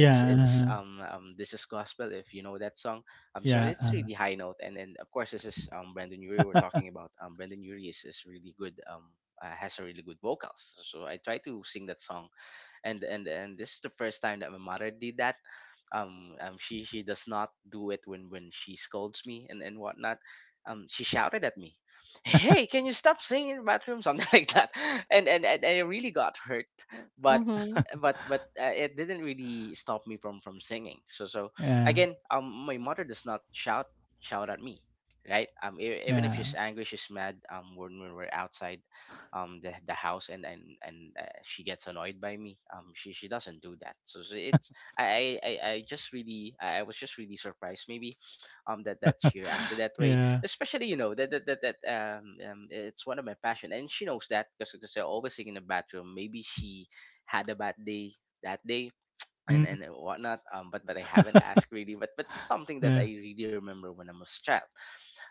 It's it's
uh-huh,
um um this is gospel if you know that song, um, so
yeah,
it's
uh,
really high note, and and of course this is um Brandon Urie we're talking about. Um, Brandon Urie is, is really good. Um, uh, has a really good vocals. So I try to sing that song, and and and this is the first time that my mother did that. um, um she she does not do it when when she scolds me and and whatnot. Um she shouted at me, hey can you stop singing in the bathroom, something like that. And and, and I really got hurt, but
Mhm.
but but uh, it didn't really stop me from from singing. So so
yeah,
again um my mother does not shout shout at me, right. Um e- even if
yeah,
she's angry, she's mad, um when we were outside um the, the house. And and and uh, she gets annoyed by me um she she doesn't do that. So, so it's I, I i I just really i I was just really surprised maybe um that that she reacted that way,
yeah,
especially you know that that that, that um, um it's one of my passion, and she knows that because they're always singing in the bathroom. Maybe she had a bad day that day and
mm,
and whatnot. Um, but but I haven't asked really. But but it's something that I
yeah.
really remember when I was a child,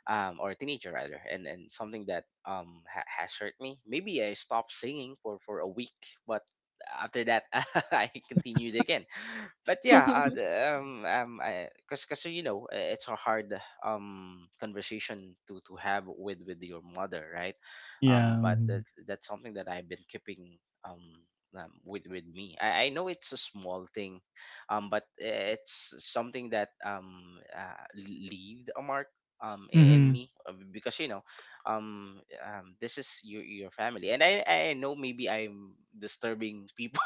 um, or a teenager rather, and and something that um ha- has hurt me. Maybe I stopped singing for for a week, but after that I continued again. But yeah, uh, the, um, um, I, cause, cause you know, uh, it's a hard um conversation to to have with with your mother, right?
Yeah,
Um, but
mhm.
that's, that's something that I've been keeping um. Um, with with me. I, I know it's a small thing, um, but it's something that um uh, leaved a mark um i- in
Mhm.
me. Uh, because you know, um, um this is your your family, and I I know maybe I'm disturbing people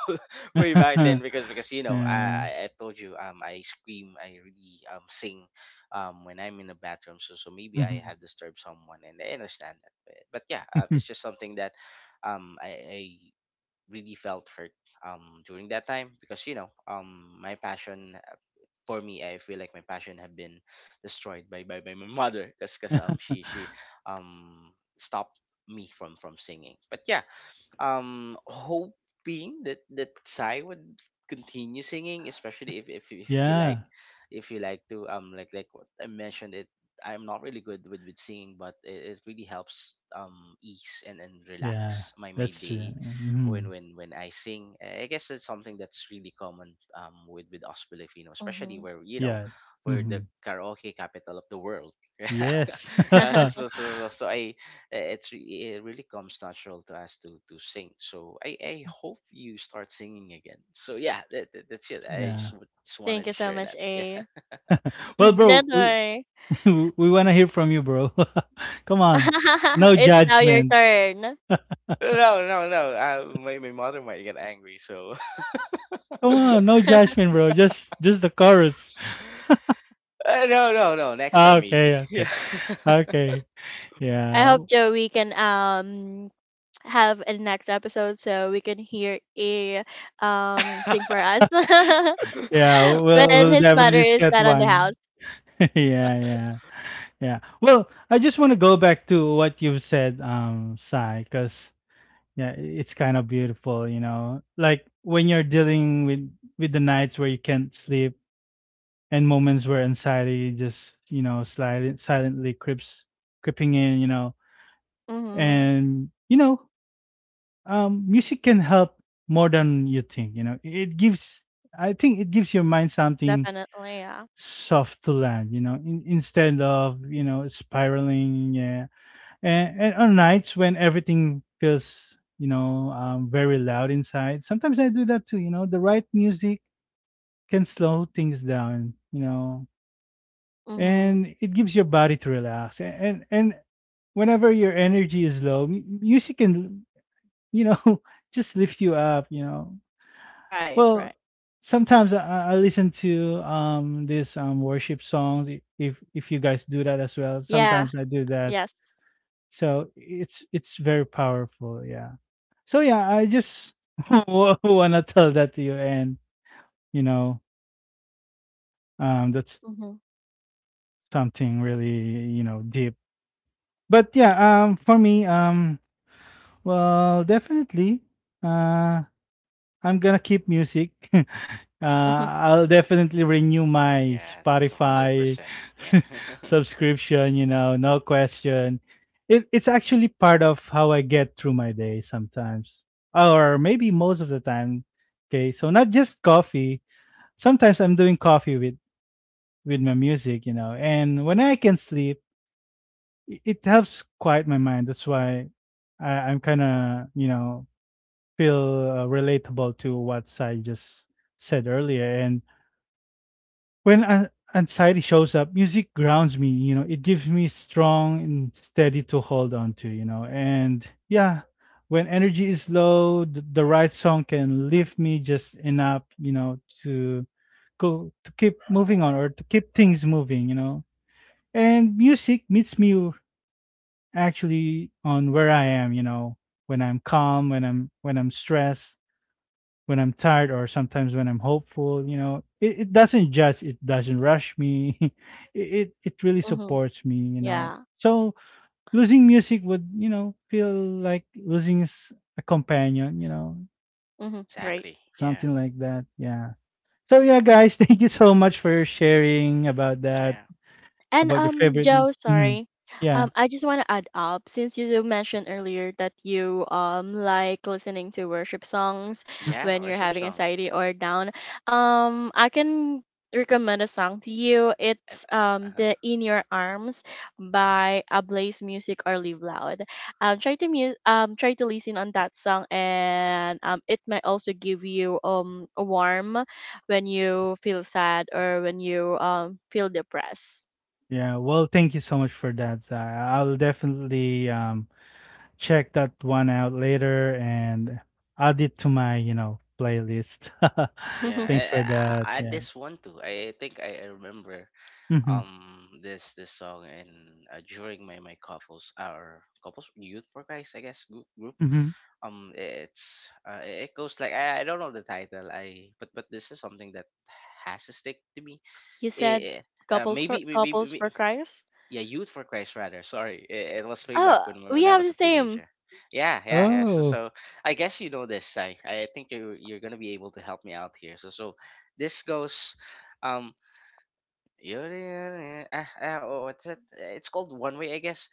way back then because because you know I
Yeah.
I I told you um I scream. I really um sing um when I'm in the bathroom. So so maybe I
Mhm.
had disturbed someone, and I understand that but, but yeah uh, it's just something that um I, I really felt hurt um during that time because you know um my passion. Uh, for me, I feel like my passion had been destroyed by by, by my mother because um she she um stopped me from from singing. But yeah, um hoping that that Psy would continue singing, especially if, if if you like,
Yeah,
if you like to um like like what I mentioned. It I'm not really good with, with singing, but it, it really helps um ease and, and
yeah,
relax my my
that's true.
day when
Mhm.
when when I sing. I guess it's something that's really common um with with us Filipino, especially
Mhm.
where you know
Yeah.
we're the
Mhm.
karaoke capital of the world.
Yes.
Yeah, so so so, so, so I i- it's re- it really comes natural to us to to sing, so i i hope you start singing again. So yeah, that, that- that's it. I just,
Yeah.
w- just
Thank
wanted
you
to
so
share
much,
that. Yeah.
A.
Well,
Mhm. Don't
bro, we
worry.
we wanna hear from you, bro. Come on. No
It's now your
judgment.
turn.
No no no, uh, my, my mother might get angry, so
Come on, no judgment, bro. Just just the chorus.
uh, no no no, next
Ah,
time
okay,
maybe. Yeah.
okay. Okay.
I hope
Yeah.
that we can um have a next episode, so we can hear A, um
Yeah.
sing for us
Yeah, we'll
when
we'll
his mother
definitely
is
set
not on the house.
one. Yeah, yeah. Yeah. Well, I just want to go back to what you've said, um, Sai, because yeah, i- it's kind of beautiful, you know. Like when you're dealing with with the nights where you can't sleep and moments where anxiety just, you know, silent, silently creeps creeping in, you know.
Mhm.
And you know, um, music can help more than you think, you know. It gives I think it gives your mind something
Definitely, yeah.
soft to land, you know, in, instead of, you know, spiraling, yeah. And, and on nights when everything feels, you know, um, very loud inside, sometimes I do that too. You know, the right music can slow things down, you know,
Mhm.
and it gives your body to relax. And, and, and whenever your energy is low, m- music can, you know, just lift you up, you know.
Right,
Well,
right.
sometimes I, I I listen to um this um worship songs, i- if if you guys do that as well.
Yeah.
Sometimes I do that.
Yes.
So it's it's very powerful, yeah. So yeah, I just wa- wanna tell that to you, and you know, um, that's
Mhm.
something really, you know, deep. But yeah,
Yeah
um, for me, um, well, definitely, uh, I'm gonna keep music. Uh,
Mhm.
I'll definitely renew my
yeah, it's a hundred
Spotify
percent Yeah.
subscription. You know, no question. It it's actually part of how I get through my day sometimes, or maybe most of the time. Okay, so not just coffee, sometimes I'm doing coffee with with my music, you know. And when I can sleep, i- it helps quiet my mind. That's why I, I'm kind of, you know, feel uh, relatable to what I just said earlier. And when an- anxiety shows up, music grounds me. You know, it gives me strong and steady to hold on to. You know, and yeah, when energy is low, the, the right song can lift me just enough. You know, to go to keep moving on or to keep things moving. You know, and music meets me actually on where I am. You know, when I'm calm, when I'm when I'm stressed, when I'm tired, or sometimes when I'm hopeful. You know, it, it doesn't judge, it doesn't rush me. It, it it really
Mhm.
supports me. You know,
Yeah.
so losing music would, you know, feel like losing s- a companion. You know,
Mhm.
s-
Right.
Exactly yeah.
something like that. Yeah. So yeah, guys, thank you so much for your sharing about that,
Yeah
And,
about your
um,
favorite
Joe,
music. Mhm.
sorry.
Yeah.
Um, I just want to add up, since you do mention earlier that you um like listening to worship songs
Mhm.
yeah,
when you're
worship
having
song.
anxiety or down. Um, I can recommend a song to you.
Uh,
It's
uh,
um
uh-huh.
the In Your Arms by Ablaze Music or Live Loud. Um, try to mu- um try to listen on that song, and um it might also give you um a warm when you feel sad, or when you um feel depressed.
Yeah, well, thank you so much for that, Zai. I'll definitely um check that one out later and add it to my, you know, playlist.
Yeah. I,
Thanks
I,
for that.
I I-
Yeah.
this one too. i I think i, I remember
Mm-hmm.
um this this song. And uh, during my my couples our couples youth for Christ, i guess group, group.
Mm-hmm.
Um it's uh, it goes like, I, I don't know the title. I but but this is something that has to stick to me.
You said,
Eh, eh, uh,
couple for
maybe, maybe,
couples for
maybe
criers.
yeah, youth for Christ rather, sorry. It, it was way
Oh,
back when
we
when I
have
was
the
a
same.
teenager. Yeah yeah yeah. So,
Oh,
so i guess you know this. I i think you're you're gonna be able to help me out here, so so this goes um Yuri, eh, ah, ah, what's it? It's called One Way, I guess.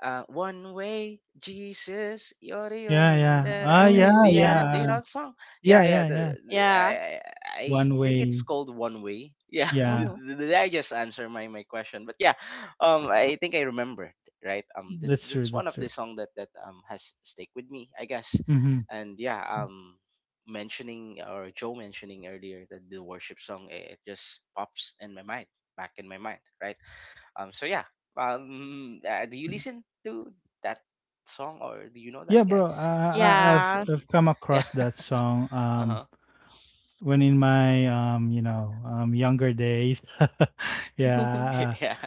Uh, one way, Jesus, you're the
yeah,
only one
yeah.
that I.
Ah, yeah,
I- Do
Mm-hmm,
you know
yeah,
that? Do
yeah.
you know that song? Yeah,
Yeah,
yeah.
yeah,
The,
yeah.
the- I,
yeah,
I I
One
think it's
way.
called One Way. Yeah.
Yeah,
mm-hmm,
Did, did did I just answer my, my question? But yeah, um, I think I remembered. Right. Um, this,
that's true.
that's one
That's
of the
true.
song that that um has stick with me, I guess.
Mm-hmm.
And yeah, um, mentioning or Joe mentioning earlier that the worship song, it, it just pops in my mind, back in my mind, right? Um, so yeah. Um, uh, do you
Yeah.
listen to that song, or do you know that,
Yeah, bro. I,
guys? Yeah.
I, I've
yeah.
I've come
Yeah.
across that song um
Uh-huh.
when in my um you know um younger days.
And
Yeah.
Yeah.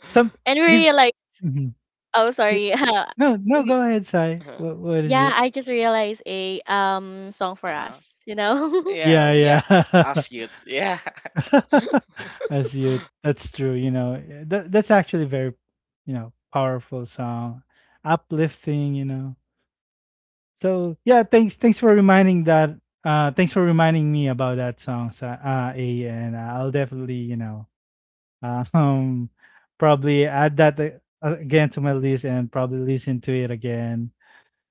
Some.
we
Be-
realized.
mhm.
Oh, sorry. Uh,
No, no,
we-
go ahead, Sai.
Uh-huh.
What what is
yeah,
it?
I just realized a, um song for us.
Uh-huh.
You know.
Yeah,
Yeah,
oh, yeah.
yeah.
As you yeah.
As you, that's true, you know. Yeah, that that's actually very, you know, powerful song, uplifting, you know. So, yeah, thanks thanks for reminding that, uh thanks for reminding me about that song, Sai, uh, A, and I'll definitely, you know, uh, um probably add that, uh, again to my list and probably listen to it again.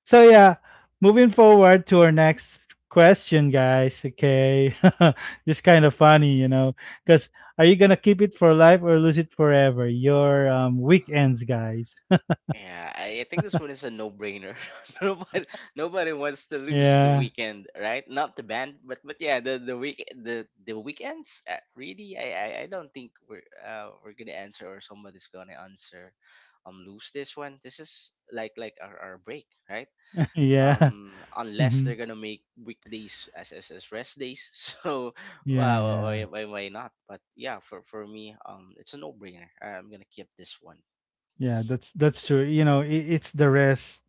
So yeah, moving forward to our next question, guys. Okay, just kind of funny, you know, because are you gonna keep it for life or lose it forever? Your um, weekends, guys.
Yeah, I I think this one is a no-brainer. Nobody, nobody wants to lose the
Yeah,
weekend, right? Not the band, but but yeah, the the week the the weekends. Uh, really, I, I I don't think we're uh, we're gonna answer, or somebody's gonna answer, um, lose this one. This is like like our, our break, right?
yeah,
Um, unless
hmm,
they're gonna make weekdays as as, as rest days, so
yeah,
uh,
yeah,
why, why why not? But yeah, for for me, um, it's a no-brainer. I'm gonna keep this one.
yeah. That's that's true. You know, it, it's the rest.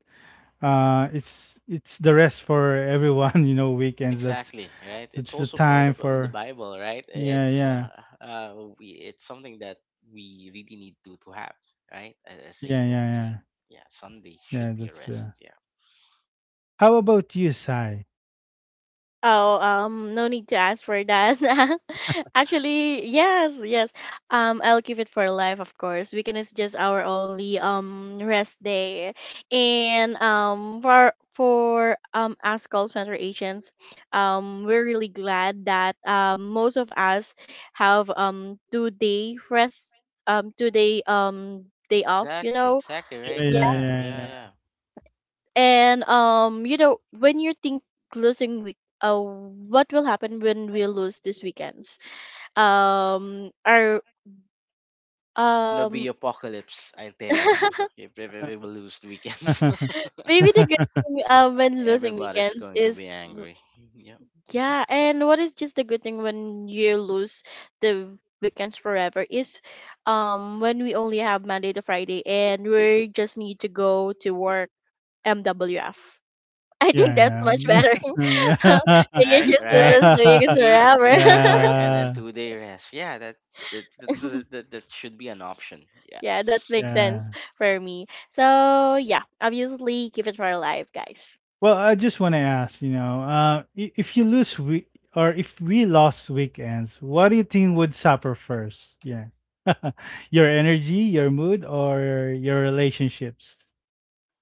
Uh, it's it's the rest for everyone. You know, weekends. That's
Exactly, right? It's
that's the
also part
time
of uh, the
for.
Bible, right?
Yeah,
It's
yeah,
uh, uh we, it's something that we really need to to have, right? a- As a
yeah,
human
yeah, yeah.
being. Yeah, Sunday
Yeah,
should be a
that's true.
rest. Yeah.
How about you, Sai?
Oh, um, no need to ask for that. Actually, yes, yes. Um, I'll keep it for life, of course. Weekend is just our only um rest day, and um for for um us call center agents, um, we're really glad that um most of us have um two day rest, um two day um day off. You
Exactly,
know,
exactly,
Yeah,
right?
yeah,
Yeah, yeah,
yeah,
yeah.
and, um, you know, when you think losing week, uh, what will happen when we lose these weekends? Um, our,
It's gonna be
um,
apocalypse, I tell you. If everyone lose the weekends,
yeah. Yeah,
maybe the good
yeah.
thing, uh, when losing
everybody's
weekends
going to be
is w-
angry. Yep.
yeah, and what is just the good thing when you lose the weekends forever is, um when we only have Monday to Friday and we just need to go to work, M W F. I think that's
Yeah.
much better. You
Right,
just
right.
lose doing it
Yeah.
Three d-
forever.
three day work and and two day rest. Yeah, that that that, that, that that should be an option. Yeah.
Yeah, that makes sense
Yeah.
for me. So yeah, obviously keep it for life, guys.
Well, I just want to ask, you know, uh, i- if you lose we or if we lost weekends, what do you think would suffer first? Yeah. Your energy, your mood, or your relationships?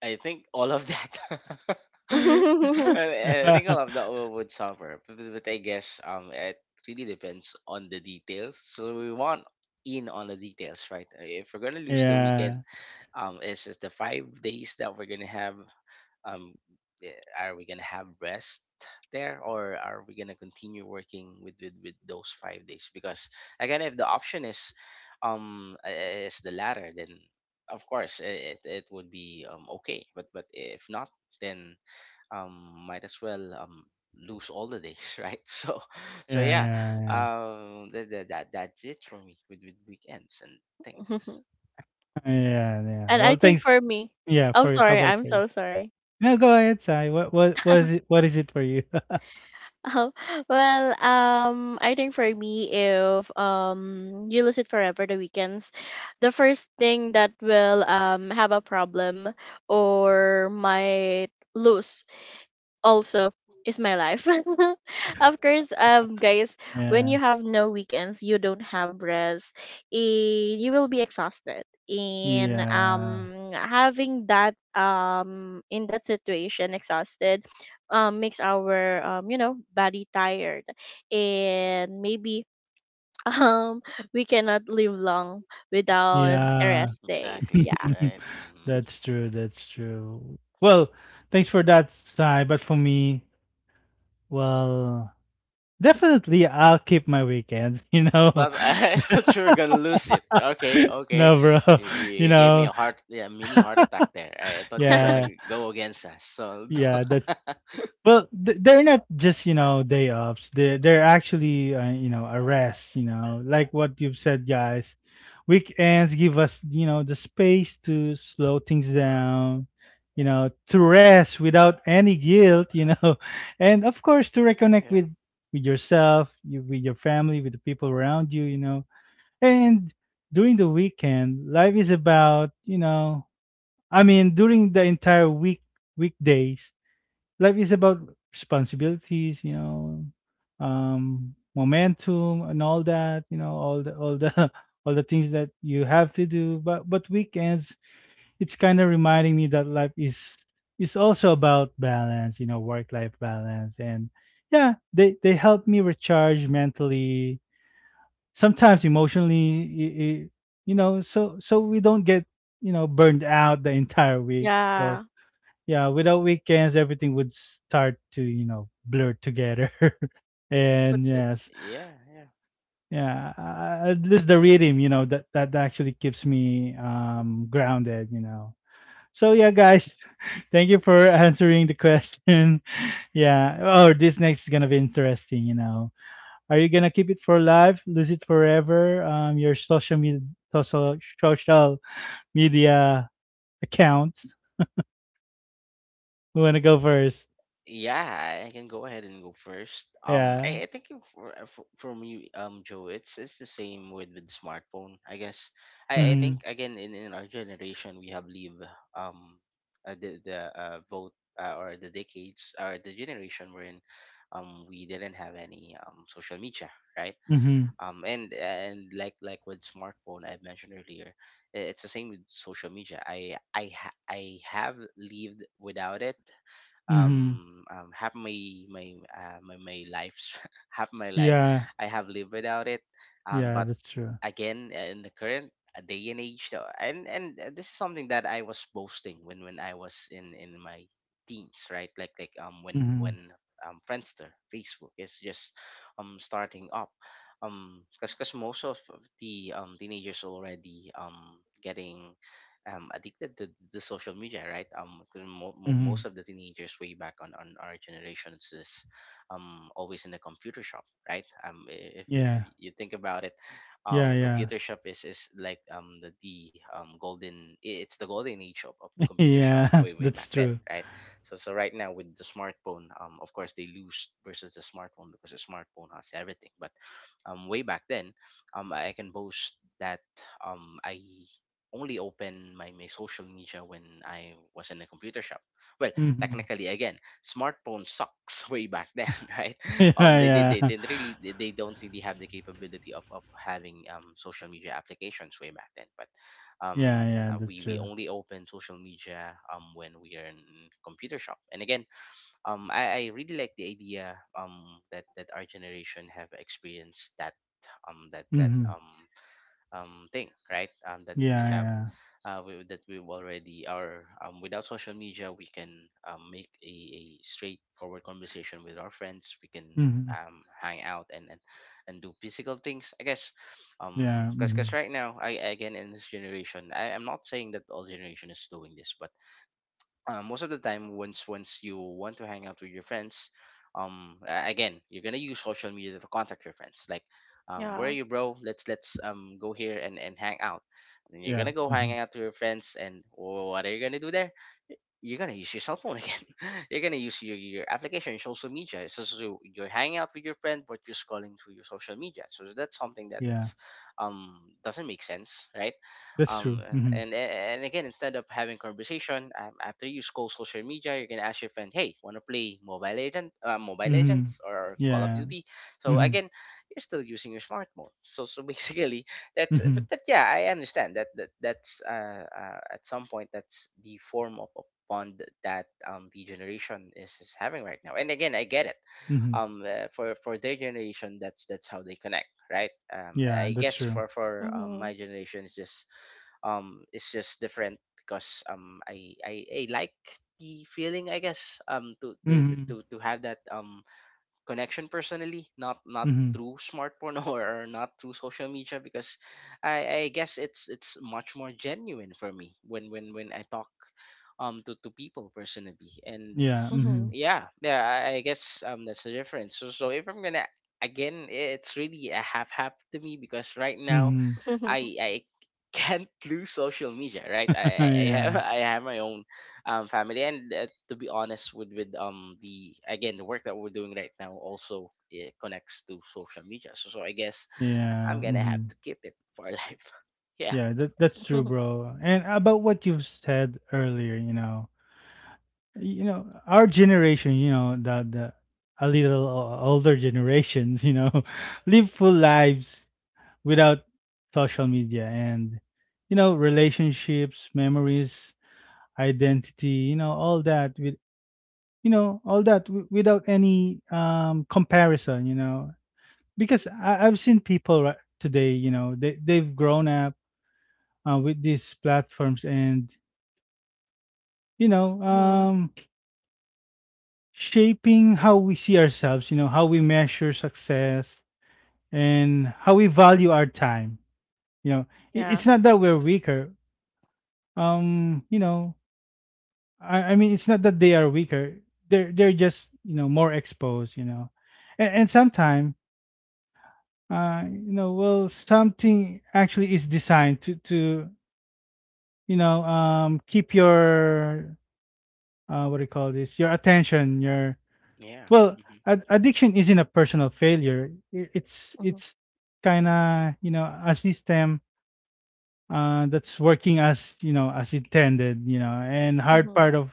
I think all of that.
and
I, I think all of that wo- would suffer, but, but but I guess um it really depends on the details. So we want in on the details, right? Uh, if we're gonna lose the weekend,
Yeah.
um, is is the five days that we're gonna have um eh, are we gonna have rest there, or are we gonna continue working with with, with those five days? Because again, if the option is um eh, is the latter, then of course it, it, it would be um okay. but but if not, then um might as well um lose all the days. Right, so so yeah,
Yeah, yeah,
um that, that, that that's it for me with, with weekends and things.
yeah. Yeah, yeah.
I
Well,
think
thanks.
for me,
Yeah,
Oh
for how
sorry,
about
I'm
for you?
so sorry.
No, go ahead, Sai. What what was it, what is it for you?
Oh, well, um, I think for me, if um you lose it forever, the weekends, the first thing that will um have a problem or might lose also, is my life. Of course, um, guys, when
Yeah.
you have no weekends, you don't have rest, and you will be exhausted. And,
Yeah.
um, having that, um in that situation, exhausted, um, makes our, um you know body tired, and maybe um we cannot live long without
Yeah.
rest days.
Exactly
Yeah.
right. Hmm.
That's true. That's true. Well, thanks for that, Sai. But for me, well, definitely I'll keep my weekends, you
I
know.
thought I thought you were gonna lose it. Okay, okay.
No, bro.
You,
You
you gave me a
know,
heart, yeah, mini heart attack there. I, I thought you're
yeah.
gonna go against us. So
Yeah, that's well, th- they're not just, you know, day offs. They they're actually uh, you know, a rest. You know, like what you've said, guys. Weekends give us, you know, the space to slow things down. You know, to rest without any guilt. You know, and of course to
yeah,
reconnect
yeah.
with with yourself, you, with your family, with the people around you. You know, and during the weekend, life is about, you know. I mean, during the entire week weekdays life is about responsibilities, you know, um, momentum and all that, you know, all the all the all the things that you have to do. But but weekends, it's kind of reminding me that life is is also about balance, you know, work life balance. And yeah, they they help me recharge mentally, sometimes emotionally, i- i- you know, so so we don't get you know burned out the entire week. So
Yeah.
yeah, without weekends everything would start to you know blur together.
But
And
but
yes,
yeah, yeah.
yeah, uh, at least the rhythm, you know that that actually keeps me um grounded, you know. So yeah, guys, thank you for answering the question. Yeah, oh, this next is gonna be interesting, you know. Are you gonna keep it for life, lose it forever, um your social media, social social media accounts? We want to go first?
Yeah, I can go ahead and go first. Um,
Yeah.
I, I think if- for, uh, for, from you, um, Joe, it's it's the same with with smartphone, I guess I, I think
Mm-hmm.
again in, in our generation we have lived um uh, the the uh, vote uh, or the decades or the generation we're in, um, we didn't have any um social media, right?
Mm-hmm.
Um, and and like like with smartphone I mentioned earlier, i- it's the same with social media. I I ha- I have lived without it
Mhm.
um, um half my my uh, my, my life half my life
Yeah.
i have lived without it um
Yeah,
but
that's true.
again uh, in the current uh, day and age. So and and uh, This is something that i was boasting when when i was in in my teens, right? like like um when
Mhm.
when um Friendster, Facebook is just um starting up, um because most of of the um teenagers already um getting um, addicted to the social media, right? Um, 'cause mo- mo-
Mhm.
most of the teenagers way back on, on our generations is um, always in a computer shop, right? Um, i- if, if
Yeah.
you think about it,
Yeah,
um,
yeah.
computer shop is, is like um, the, the um, golden, i- it's the golden age of, of computer shop
Yeah,
way, way
that's
back then,
true.
right? So, so right now with the smartphone, um, of course they lose versus the smartphone because the smartphone has everything. But um, way back then, um, I can boast that um, I only open my, my social media when I was in a computer shop. Well,
Mhm.
technically, again, smartphone sucks way back then, right?
Yeah,
Um, they they, they,
yeah.
they really they, they don't really have the capability of, of having um, social media applications way back then. But
Yeah,
um,
yeah,
uh,
that's
we we
true.
only open social media um when we are in computer shop. And again, um, I, I really like the idea um that that our generation have experienced that um that that
Mhm.
um um, thing, right? Um, that we
Yeah,
have,
yeah.
uh, we, that we already are. Um, without social media, we can um, make a, a straightforward conversation with our friends. We can
Mhm.
um, hang out and, and and do physical things, I guess, um,
Yeah,
because because
mhm.
right now, I again in this generation, I am not saying that all generation is doing this, but uh, most of the time, once once you want to hang out with your friends, um a- again you're gonna use social media to contact your friends, like, um where are
Yeah.
you, bro? Let's, let's um go here and and hang out. And you're
Yeah,
gonna go hang
mhm.
out to your friends, and what are you gonna do there? You're gonna use your cell phone again. You're gonna use your, your application, your social media. So just you- you're hanging out with your friend, but you're scrolling through your social media. So that's something
Yeah,
that's um doesn't make sense, right?
that's
Um,
true. Mhm.
and and again, instead of having conversation um, after you scroll social media, you're gonna ask your friend, "Hey, wanna play Mobile Legend, uh, Mobile
Mhm.
Legends or Call of
Yeah.
Duty?" So
Mhm.
again, you're still using your smartphone. So so basically, that's but,
Mhm.
but yeah, i understand that, that that's uh, uh at some point that's the form of a bond that um the generation is, is having right now. And again, i get it.
Mhm.
Um uh, for for their generation, that's that's how they connect, right? um
Yeah,
I
that's
guess
true.
for for um, my
Mhm.
generation, it's just um it's just different, because um i i, I like the feeling, I guess, um to to
Mhm.
to, to have that um connection personally, not not
Mhm.
through smartphone or not through social media, because I, I guess it's it's much more genuine for me when when when I talk um to, to people personally. And
Yeah, mhm.
Mhm.
yeah yeah I, I guess um that's the difference. So so if i'm gonna, again, it's really a half half to me because right now
Mhm.
i i can't lose social media, right? i i I have
Yeah.
i have my own um family, and uh, to be honest, with with um the, again, the work that we're doing right now also, it connects to social media. So so I guess I'm
Yeah,
gonna have
mhm.
to keep it for life. Yeah.
Yeah, that that's true,
Mhm.
bro. And about what you've said earlier, you know, you know, our generation, you know, the the a little o- older generations, you know, live full lives without social media and, you know, relationships, memories, identity, you know, all that with, you know, all that w- without any um comparison, you know. Because I I've seen people right today, you know, they they've grown up uh, with these platforms and, you know, um, shaping how we see ourselves, you know, how we measure success and how we value our time. You know, it,
Yeah.
it's not that we're weaker. Um, you know, I, I mean, it's not that they are weaker. They're they're just, you know, more exposed. You know, and, and sometimes, uh, you know, well, something actually is designed to to you know um keep your, uh what do you call this, your attention, your
Yeah.
Well,
Hmm.
ad- addiction isn't a personal failure. I- It's
Mhm.
it's kind of, you know, a system uh, that's working as, you know, as intended. You know, and hard
Hmm.
part of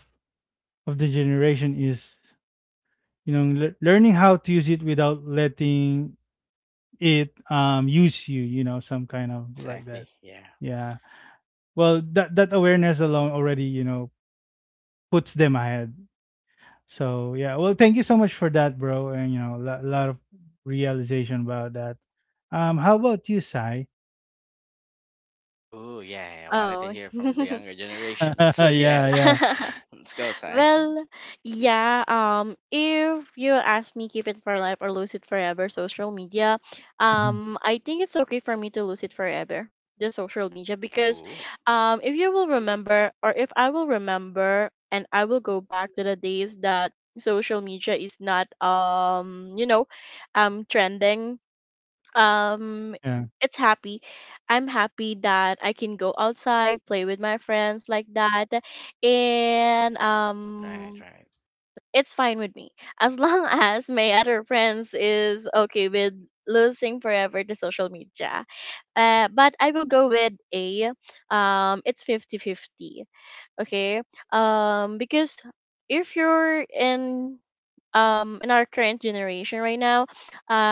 of the generation is, you know, lear- learning how to use it without letting it um use you. You know, some kind of like that.
Exactly, yeah.
Yeah. Well, that that awareness alone already, you know, puts them ahead. So yeah, well, thank you so much for that, bro, and you know, a lot of realization about that. Um, how about you, Sai?
Oh yeah, yeah, I wanted to
Oh.
hear from the younger generation. So yeah,
Yeah, yeah.
let's go, Sai.
Well, yeah, um if you ask me, keep it for life or lose it forever, social media,
Mhm.
um I think it's okay for me to lose it forever, the social media, because
Ooh.
um if you will remember, or if I will remember, and I will go back to the days that social media is not, um you know um trending, um
Yeah,
it's happy, I'm happy that I can go outside, play with my friends like that, and
Right,
um
right.
it's fine with me as long as my other friends is okay with losing forever the social media. Uh, but I will go with a, um it's fifty fifty. Okay, um because if you're in, um in our current generation right now,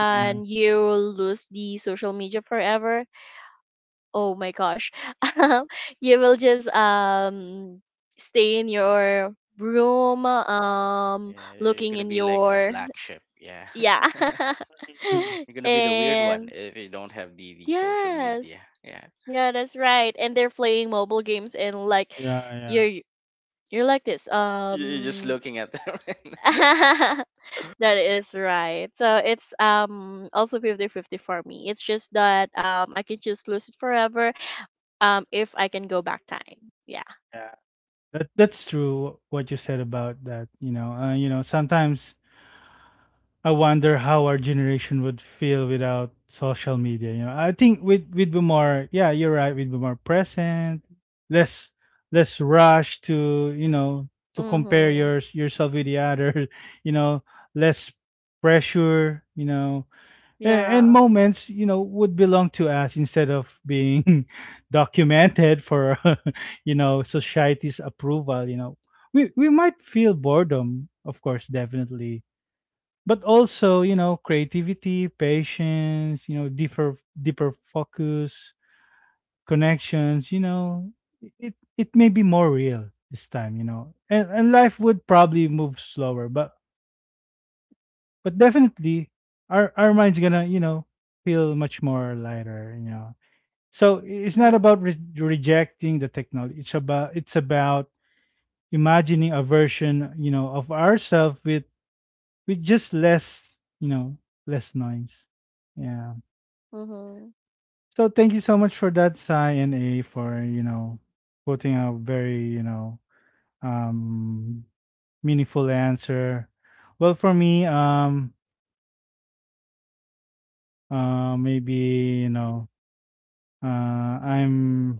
yeah.
you will lose the social media forever, oh my gosh, you will just um stay in your room, um
Yeah, you're
looking
gonna
in
be like a
your,
black sheep. Yeah.
yeah,
Mhm.
You're gonna be the weird one
and
if you don't have the, the social
yes,
media. Yeah.
yeah, that's right. And they're playing mobile games, and like,
Yeah, yeah,
you're you're like this,
You- You're just
um
looking at them. And.
that is right. So it's, um also fifty fifty for me. It's just that, um I can just lose it forever, um if I can go back time. Yeah.
yeah. That that's true. What you said about that, you know, uh, you know, sometimes I wonder how our generation would feel without social media. You know, I think with with be more, yeah, you're right. We'd be more present, less less rush to, you know, to compare
Mhm.
yours yourself with the others. You know, less pressure. You know, and,
Yeah.
and moments, you know, would belong to us instead of being documented for you know, society's approval. You know, we we might feel boredom, of course, definitely, but also, you know, creativity, patience, you know, deeper deeper focus, connections, you know, it it may be more real this time, you know. and, and life would probably move slower, but but definitely our our mind's gonna, you know, feel much more lighter, you know. So I- it's not
Mhm.
about re- rejecting the technology, it's about it's about imagining a version, you know, of ourselves with with just less, you know, less noise. Yeah.
Mhm.
So thank you so much for that, Sai and A, for, you know, putting a very, you know um, meaningful answer. Well, for me, um, uh, maybe, you know, uh, I'm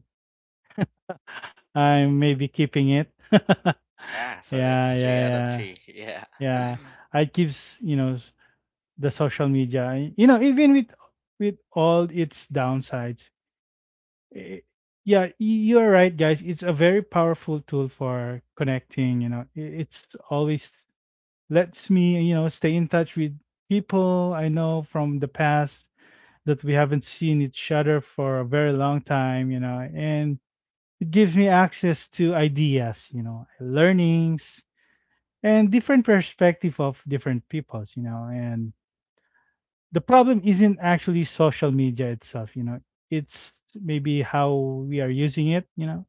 I'm maybe keeping it. Yeah,
Yeah, so
yeah,
it's three out of
yeah,
three. Yeah.
yeah. I keeps, you know, s- the social media. You know, even with with all its downsides, eh, yeah, y- you're right, guys. It's a very powerful tool for connecting. You know, I- it's always lets me, you know, stay in touch with people I know from the past that we haven't seen each other for a very long time. You know, and it gives me access to ideas, you know, learnings and different perspective of different peoples. You know, and the problem isn't actually social media itself. You know, it's maybe how we are using it. You know,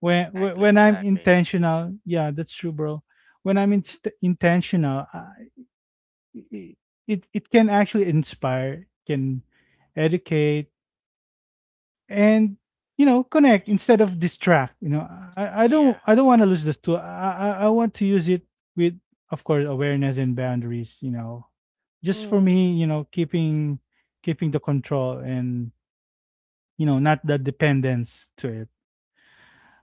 when when
Exactly,
when I'm
exactly, bro.
intentional, yeah, that's true, bro. When I'm inst intentional, I, I- it it can actually inspire, can educate, and, you know, connect instead of distract. You know, I, I
Yeah.
don't I don't want to lose this tool. I, I I want to use it with, of course, awareness and boundaries. You know, just for
Mhm.
me, you know, keeping keeping the control and, you know, not the dependence to it.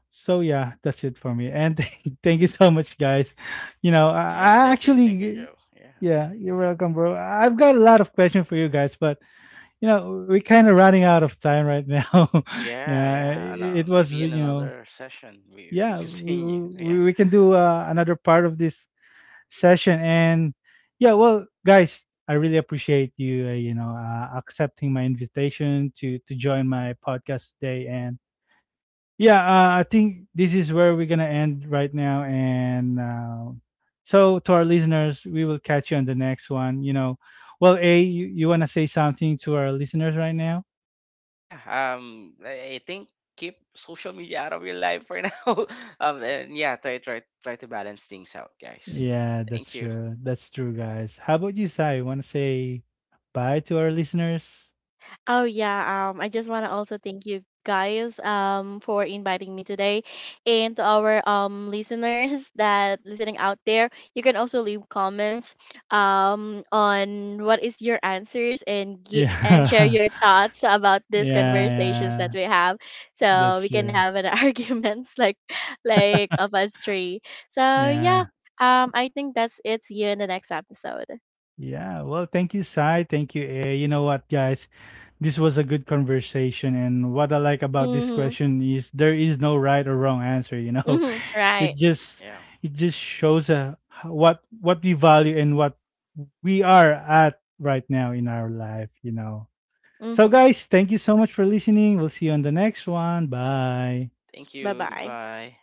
So yeah, that's it for me. And thank you so much, guys. You know, I,
Yeah,
I
thank you. Thank you,
actually,
Joe. Yeah.
yeah, you're welcome, bro. I've got a lot of questions for you guys, but you know, we're kind of running out of time right now.
Yeah,
Yeah,
yeah. And,
it,
uh,
it was,
maybe in
you know,
another session we we can
yeah, we
continue. Yeah.
we, we can do uh, another part of this session, and yeah, well, guys, I really appreciate you, uh, you know, uh, accepting my invitation to to join my podcast today, and yeah, uh, I think this is where we're gonna end right now, and uh, so to our listeners, we will catch you on the next one, you know. Well, A, you, you want to say something to our listeners right now?
Yeah, um, I I think keep social media out of your life for now. Um, and yeah, try try try to balance things out, guys.
Yeah,
Thank
that's
you.
true, that's true, guys. How about you, Sai? Want to say bye to our listeners?
Oh yeah, um I just want to also thank you guys, um for inviting me today, and to our, um listeners that listening out there, you can also leave comments um on what is your answers, and gi- and share
Yeah.
your thoughts about these
Yeah,
conversations that
yeah,
we have,
that's
so we can
true.
have an arguments, like like of us three. So yeah,
Yeah,
um I think that's it. See you in the next episode.
yeah. Well, thank you, Sai. Thank you, A. You know what, guys, this was a good conversation, and what I like about this
Mhm.
question is there is no right or wrong answer. You know,
Mhm. Right.
it
Yeah,
just
yeah.
it just shows, uh, h- what what we value and what we are at right now in our life. You know. So
Mhm.
guys, thank you so much for listening. We'll see you on the next one. Bye.
Thank you.
Bye-bye.
Goodbye.